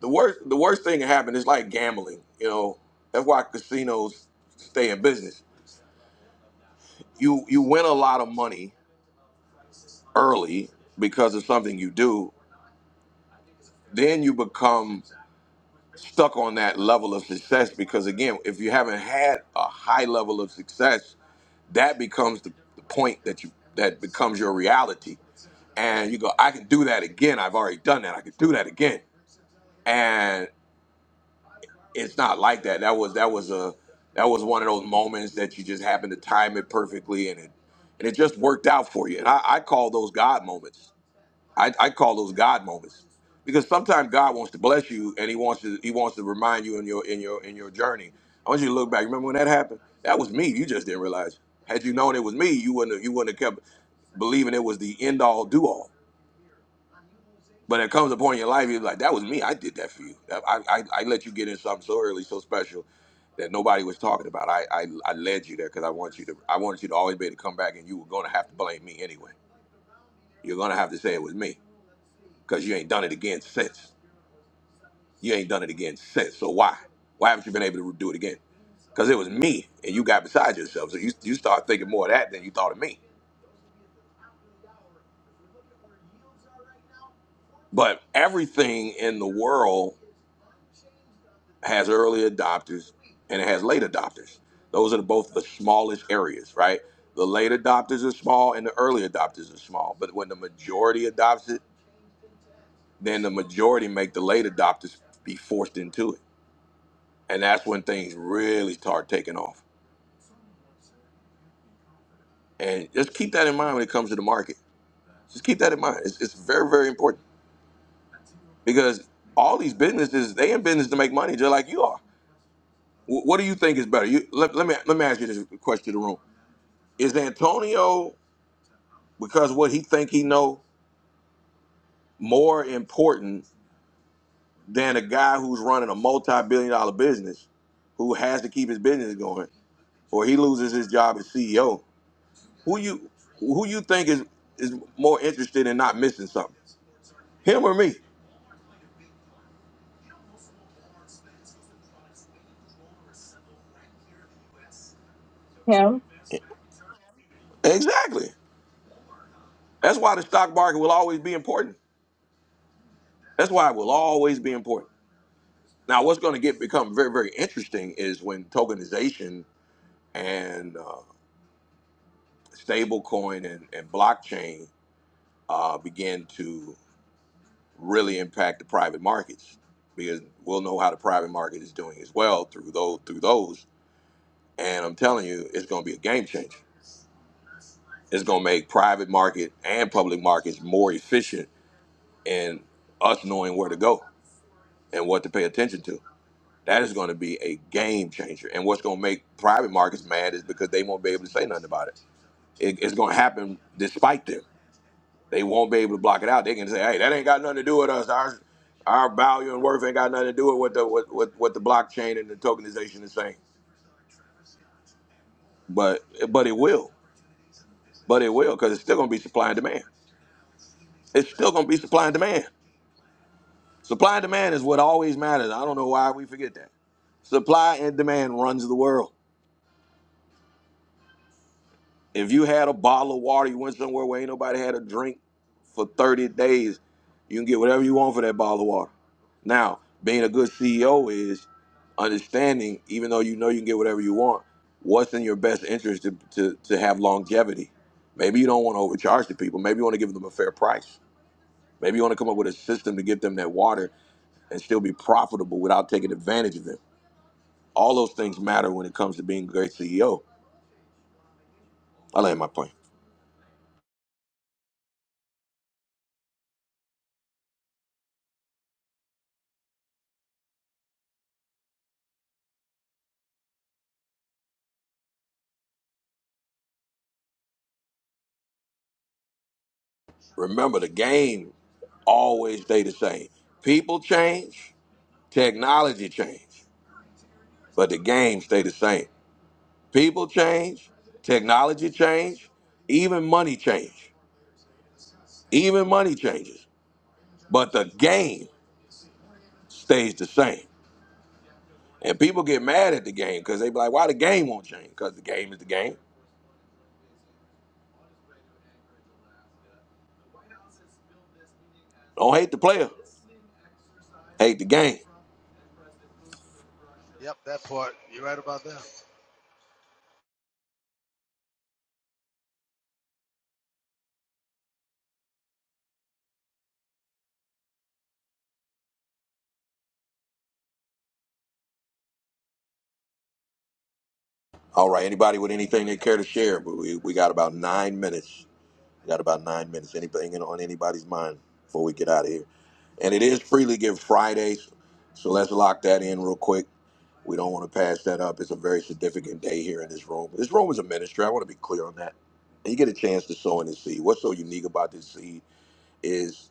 S1: the worst the worst thing that happened is like gambling. You know, that's why casinos stay in business. You you win a lot of money early because of something you do. Then you become stuck on that level of success because again, if you haven't had a high level of success, that becomes the, the point that you that becomes your reality. And you go, I can do that again. I've already done that. I can do that again. And it's not like that. That was that was a that was one of those moments that you just happened to time it perfectly, and it and it just worked out for you. And I, I call those God moments. I, I call those God moments because sometimes God wants to bless you, and He wants to He wants to remind you in your in your in your journey. I want you to look back. Remember when that happened? That was me. You just didn't realize. Had you known it was me, you wouldn't have, you wouldn't have kept believing it was the end all do all. But it comes a point in your life, you're like, that was me. I did that for you. I, I, I let you get in something so early, so special that nobody was talking about. I, I, I led you there because I want you to. I wanted you to always be able to come back, and you were going to have to blame me anyway. You're going to have to say it was me because you ain't done it again since. You ain't done it again since. So why? Why haven't you been able to do it again? Because it was me, and you got beside yourself. So you you start thinking more of that than you thought of me. But everything in the world has early adopters and it has late adopters. Those are both the smallest areas, right? The late adopters are small and the early adopters are small. But when the majority adopts it, then the majority make the late adopters be forced into it. And that's when things really start taking off. And just keep that in mind when it comes to the market. Just keep that in mind. It's, it's very, very important because all these businesses, they in business to make money just like you are. Wh- What do you think is better? You, let, let, me, let me ask you this question to the room. Is Antonio because what he think he know more important than a guy who's running a multi-billion dollar business who has to keep his business going or he loses his job as CEO. Who you who you think is is more interested in not missing something? Him or me?
S5: Him.
S1: Exactly. That's why the stock market will always be important. That's why it will always be important. Now, what's going to get become very, very interesting is when tokenization and uh, stablecoin and, and blockchain uh, begin to really impact the private markets because we'll know how the private market is doing as well through those through those. And I'm telling you, it's going to be a game changer. It's going to make private market and public markets more efficient in us knowing where to go and what to pay attention to. That is going to be a game changer. And what's going to make private markets mad is because they won't be able to say nothing about it. it it's going to happen despite them They won't be able to block it out. They can say, "Hey, that ain't got nothing to do with us. Our our value and worth ain't got nothing to do with what the what, what, what the blockchain and the tokenization is saying." But but it will, but it will, because it's still gonna be supply and demand. It's still gonna be supply and demand. Supply and demand is what always matters. I don't know why we forget that. Supply and demand runs the world. If you had a bottle of water, you went somewhere where ain't nobody had a drink for 30 days, you can get whatever you want for that bottle of water. Now, being a good CEO is understanding, even though you know you can get whatever you want, what's in your best interest to, to, to have longevity. Maybe you don't want to overcharge the people. Maybe you want to give them a fair price. Maybe you want to come up with a system to get them that water and still be profitable without taking advantage of them. All those things matter when it comes to being a great CEO. I land my plane. Remember, the game always stay the same. People change, technology change, but the game stay the same. People change, technology change, even money change. Even money changes, but the game stays the same. And people get mad at the game because they be like, "Why the game won't change?" Because the game is the game. Don't hate the player, hate the game.
S15: Yep, that part. You're right about that.
S1: All right, anybody with anything they care to share? But we, we got about nine minutes. We got about nine minutes. Anything on anybody's mind before we get out of here? And it is Freely Give Fridays, so let's lock that in real quick. We don't want to pass that up. It's a very significant day here in this room. This room is a ministry. I want to be clear on that. And you get a chance to sow in this seed. What's so unique about this seed is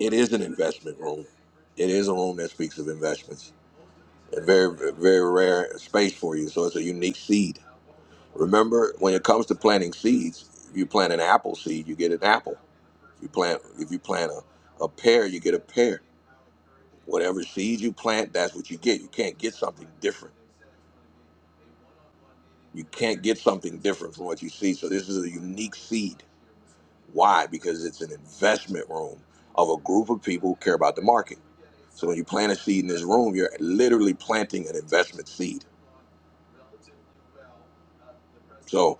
S1: it is an investment room. It is a room that speaks of investments. A very, very rare space for you. So it's a unique seed. Remember, when it comes to planting seeds, if you plant an apple seed, you get an apple if you plant, if you plant a, a pear, you get a pear. Whatever seed you plant, that's what you get. You can't get something different. You can't get something different from what you see. So this is a unique seed. Why? Because it's an investment room of a group of people who care about the market. So when you plant a seed in this room, you're literally planting an investment seed. So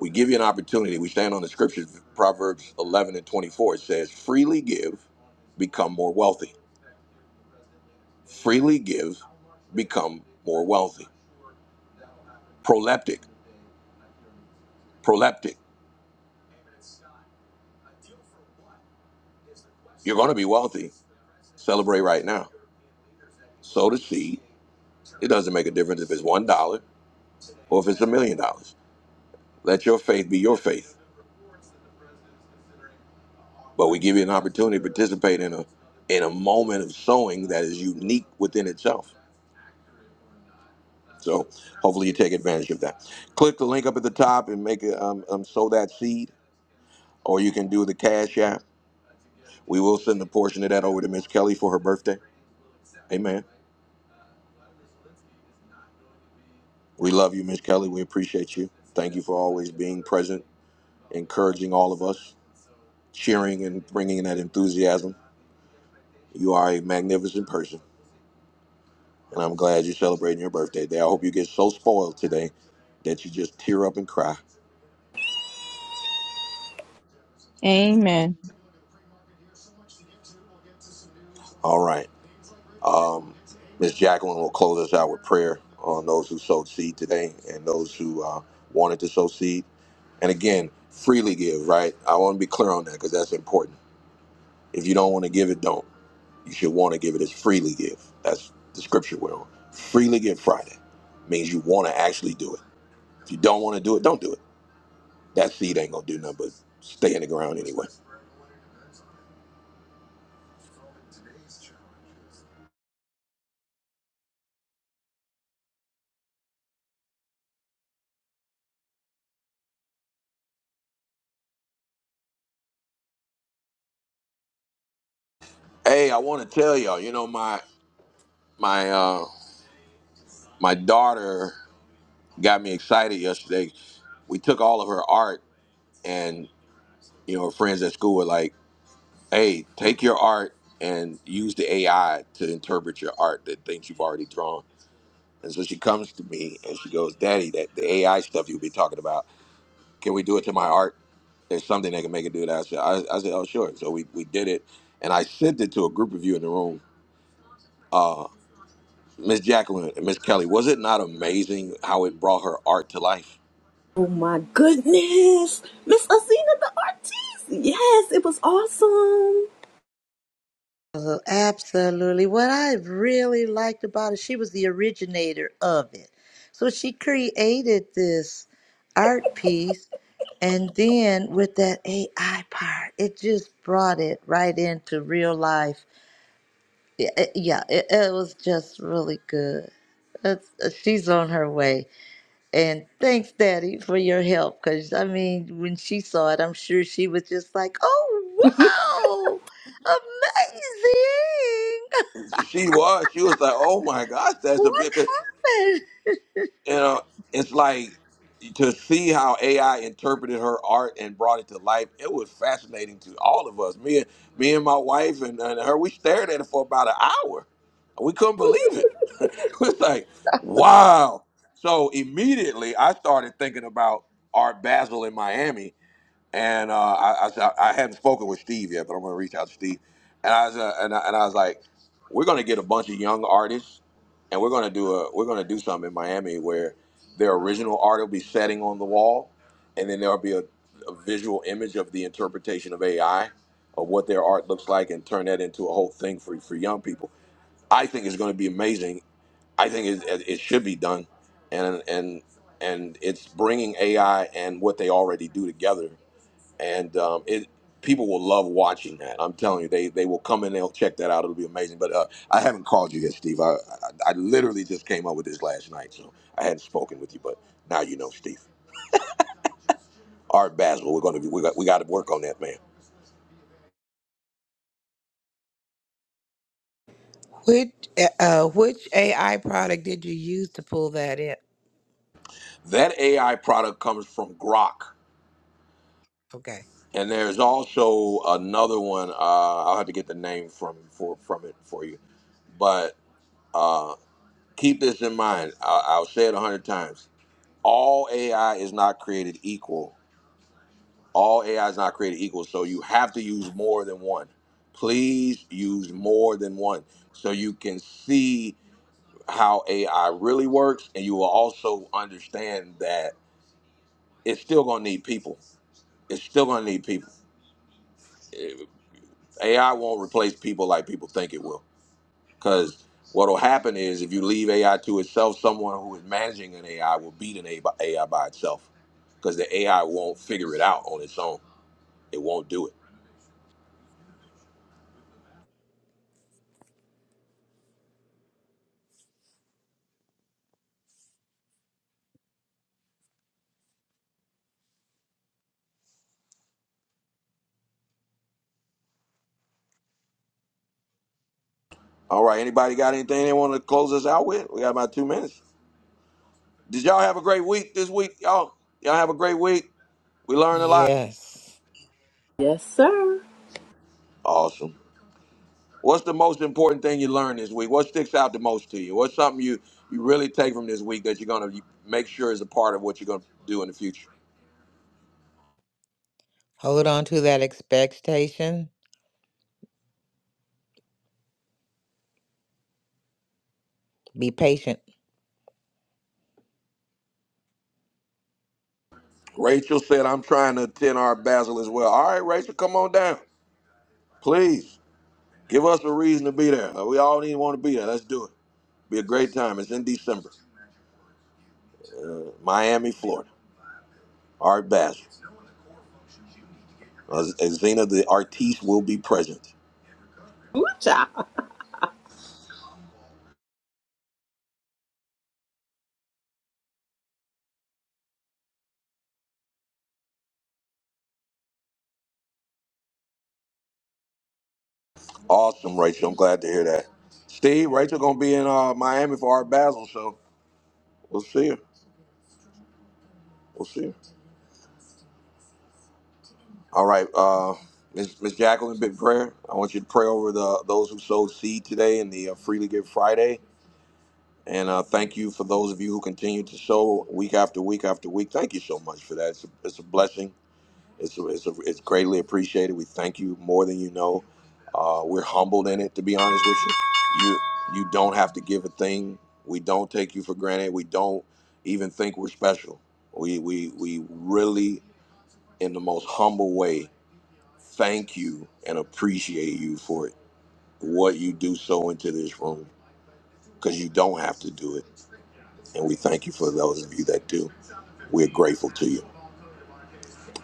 S1: we give you an opportunity. We stand on the scriptures, Proverbs 11 and 24. It says, freely give, become more wealthy. Freely give, become more wealthy. proleptic, proleptic. You're going to be wealthy. Celebrate right now. Sow the seed. It doesn't make a difference if it's one dollar or if it's a million dollars. Let your faith be your faith. But we give you an opportunity to participate in a in a moment of sowing that is unique within itself. So hopefully you take advantage of that. Click the link up at the top and make a, um, um, sow that seed, or you can do the cash app. We will send a portion of that over to Miss Kelly for her birthday. Amen. We love you, Miss Kelly. We appreciate you. Thank you for always being present encouraging all of us, cheering and bringing that enthusiasm. You are a magnificent person, and I'm glad you're celebrating your birthday day. I hope you get so spoiled today that you just tear up and cry.
S5: Amen.
S1: All right. Um, Miss Jacqueline will close us out with prayer on those who sowed seed today and those who uh, wanted to sow seed. And again, freely give, right? I want to be clear on that because that's important. If you don't want to give it, don't. You should want to give it as freely give. That's the scripture we're on. Freely give Friday means you want to actually do it. If you don't want to do it, don't do it. That seed ain't gonna do nothing but stay in the ground anyway. Hey, I want to tell y'all. You know my my uh my daughter got me excited yesterday. We took all of her art, and you know her friends at school were like, "Hey, take your art and use the AI to interpret your art, the things you've already drawn." And so she comes to me and she goes, Daddy, that the AI stuff you've been talking about, can we do it to my art? There's something that can make it do that. I said, I, I said oh, sure. So we, we did it. And I sent it to a group of you in the room. Uh, Miss Jacqueline and Miss Kelly, was it not amazing how it brought her art to life? (laughs)
S2: Oh my goodness. Miss Asina the Artiste. Yes, it was awesome.
S3: Oh, absolutely. What I really liked about it, she was the originator of it. So she created this art piece, and then with that AI part, it just brought it right into real life. Yeah, it, yeah, it, it was just really good. That's, she's on her way. And thanks, Daddy, for your help. Because, I mean, when she saw it, I'm sure she was just like, oh, wow, amazing. (laughs)
S1: She was. She was like, oh my gosh, that's a
S3: What
S1: big.
S3: happened?
S1: you know, it's like to see how AI interpreted her art and brought it to life. It was fascinating to all of us. Me and me and my wife and, and her, we stared at it for about an hour. We couldn't believe it. (laughs) It was like, wow. So immediately, I started thinking about Art Basel in Miami and uh, I, I said- I hadn't spoken with Steve yet, but I'm gonna reach out to Steve. And I was uh, and, I, and I was like, we're gonna get a bunch of young artists, and we're gonna do a we're gonna do something in Miami where their original art will be setting on the wall, and then there'll be a, a visual image of the interpretation of AI of what their art looks like, and turn that into a whole thing for for young people. I think it's gonna be amazing. I think it, it should be done, and and and it's bringing AI and what they already do together and um, it people will love watching that. I'm telling you, they they will come and they'll check that out. It'll be amazing. But uh, I haven't called you yet, Steve. I, I I literally just came up with this last night, so I hadn't spoken with you, but now you know, Steve. All right, Basil, we're gonna be, we got we got to work on that, man.
S4: Which uh, uh, which AI product did you use to pull that in?
S1: That AI product comes from Grok,
S4: Okay.
S1: and there's also another one. Uh, I'll have to get the name from for from it for you, but. Uh, keep this in mind. I, I'll say it a hundred times. All AI is not created equal all AI is not created equal, so you have to use more than one. Please use more than one so you can see how AI really works, and you will also understand that it's still going to need people. It's still going to need people. Eh, AI won't replace people like people think it will, because what will happen is if you leave AI to itself, someone who is managing an AI will beat an AI by itself, because the AI won't figure it out on its own. It won't do it All right. Anybody got anything they want to close us out with? We got about two minutes. Did y'all have a great week this week? Y'all, y'all have a great week. We learned a lot.
S4: Yes.
S2: Yes, sir.
S1: Awesome. What's the most important thing you learned this week? What sticks out the most to you? What's something you you really take from this week that you're gonna make sure is a part of what you're gonna do in the future?
S4: Hold on to that expectation. Be patient.
S1: Rachel said, "I'm trying to attend our Basil as well." All right, Rachel, come on down, please. Give us a reason to be there. Uh, We all need to want to be there. Let's do it. Be a great time. It's in December, uh, Miami, Florida. All right, Basil. Uh, Xena the artiste will be present. Awesome, Rachel. I'm glad to hear that. Steve, Rachel gonna be in uh, Miami for our Basel show. We'll see her. We'll see her. All right, uh, Miss Miss Jacqueline, big prayer. I want you to pray over the those who sowed seed today in the uh, Freely Give Friday. And uh, thank you for those of you who continue to sow week after week after week. Thank you so much for that. It's a, it's a blessing It's, it's, it's greatly appreciated. We thank you more than you know. Uh, we're humbled in it, to be honest with you. You you don't have to give a thing. We don't take you for granted. We don't even think we're special. We we we really, in the most humble way, thank you and appreciate you for what you do so into this room because you don't have to do it. And we thank you for those of you that do. We're grateful to you.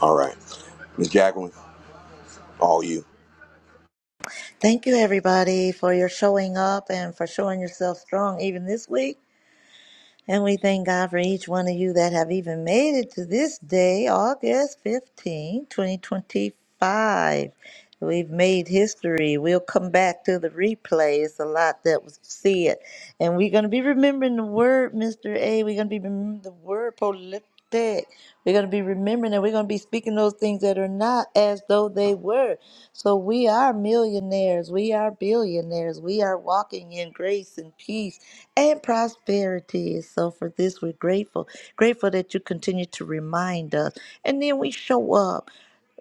S1: All right, Miss Jacqueline, all you.
S3: Thank you, everybody, for your showing up and for showing yourself strong even this week. And we thank God for each one of you that have even made it to this day, August fifteenth, 2025. We've made history. We'll come back to the replay. It's a lot that was said. And we're going to be remembering the word, Mr. A. We're going to be remembering the word politic. We're going to be remembering and we're going to be speaking those things that are not as though they were. So we are millionaires, we are billionaires, we are walking in grace and peace and prosperity. So for this, we're grateful. Grateful that you continue to remind us. And then we show up.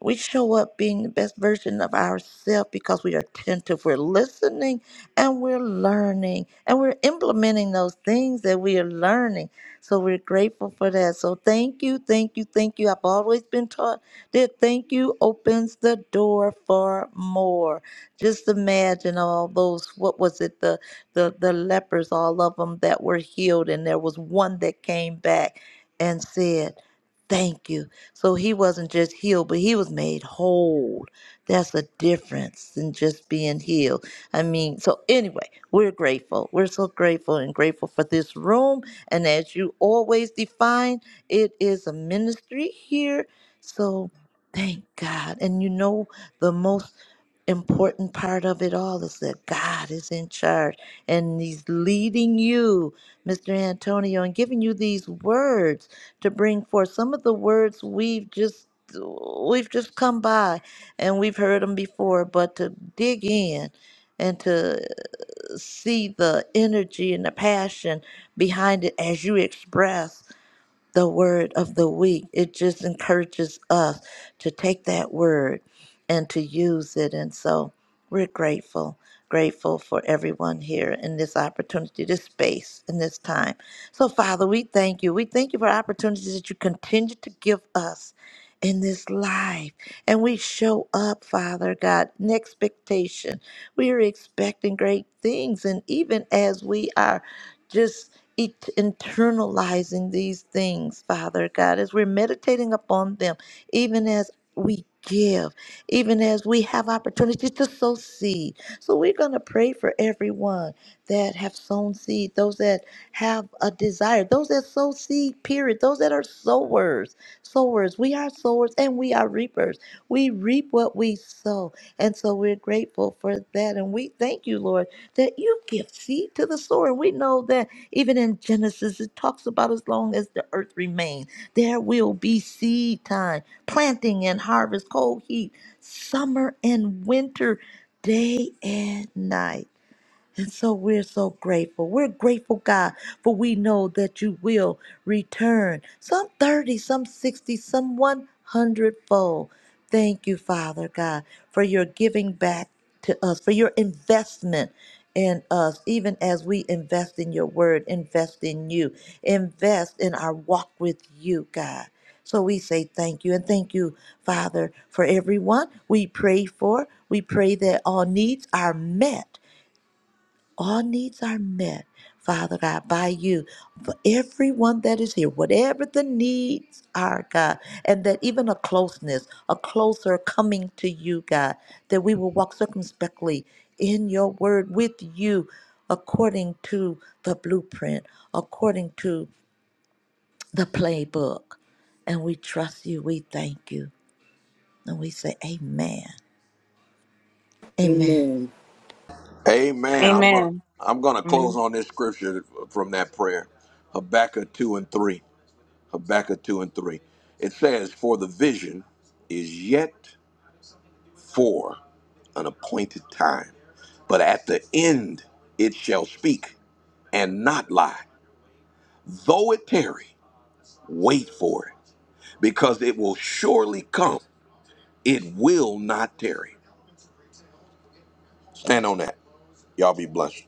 S3: We show up being the best version of ourselves because we are attentive. We're listening and we're learning and we're implementing those things that we are learning. So we're grateful for that. So thank you, thank you, thank you. I've always been taught that thank you opens the door for more. Just imagine all those, what was it, the the, the lepers, all of them that were healed, and there was one that came back and said, Thank you. So he wasn't just healed, but he was made whole. That's a difference than just being healed. I mean, so anyway, we're grateful. We're so grateful and grateful for this room and as you always define, it is a ministry here. So thank God. And you know, the most important part of it all is that God is in charge and He's leading you, Mr. Antonio, and giving you these words to bring forth. Some of the words we've just we've just come by and we've heard them before but to dig in and to see the energy and the passion behind it as you express the word of the week. It just encourages us to take that word and to use it. And so we're grateful, grateful for everyone here in this opportunity, this space, and this time. So, Father, we thank you. We thank you for opportunities that you continue to give us in this life. And we show up, Father God, in expectation. We are expecting great things. And even as we are just it internalizing these things, Father God, as we're meditating upon them, even as we give, even as we have opportunity to sow seed. So we're going to pray for everyone that have sown seed, those that have a desire, those that sow seed, period, those that are sowers, sowers. We are sowers and we are reapers. We reap what we sow. And so we're grateful for that. And we thank you, Lord, that you give seed to the sower. And we know that even in Genesis, it talks about as long as the earth remains, there will be seed time, planting and harvest, cold heat, summer and winter, day and night. And so we're so grateful. We're grateful, God, for we know that you will return some 30, some 60, some 100 fold. Thank you, Father God, for your giving back to us, for your investment in us, even as we invest in your word, invest in you, invest in our walk with you, God. So we say thank you and thank you, Father, for everyone we pray for. We pray that all needs are met all needs are met, Father God, by you. For everyone that is here, whatever the needs are, God, and that even a closeness, a closer coming to you, God, that we will walk circumspectly in your word with you according to the blueprint, according to the playbook. And we trust you, we thank you, and we say, Amen. Amen.
S2: Amen.
S1: Amen. I'm going. to
S5: Amen.
S1: I'm going to
S5: Amen.
S1: close on this scripture from that prayer, Habakkuk two and three. Habakkuk two and three. It says, "For the vision is yet for an appointed time, but at the end it shall speak and not lie. Though it tarry, wait for it, because it will surely come. It will not tarry." Stand on that. Y'all be blessed.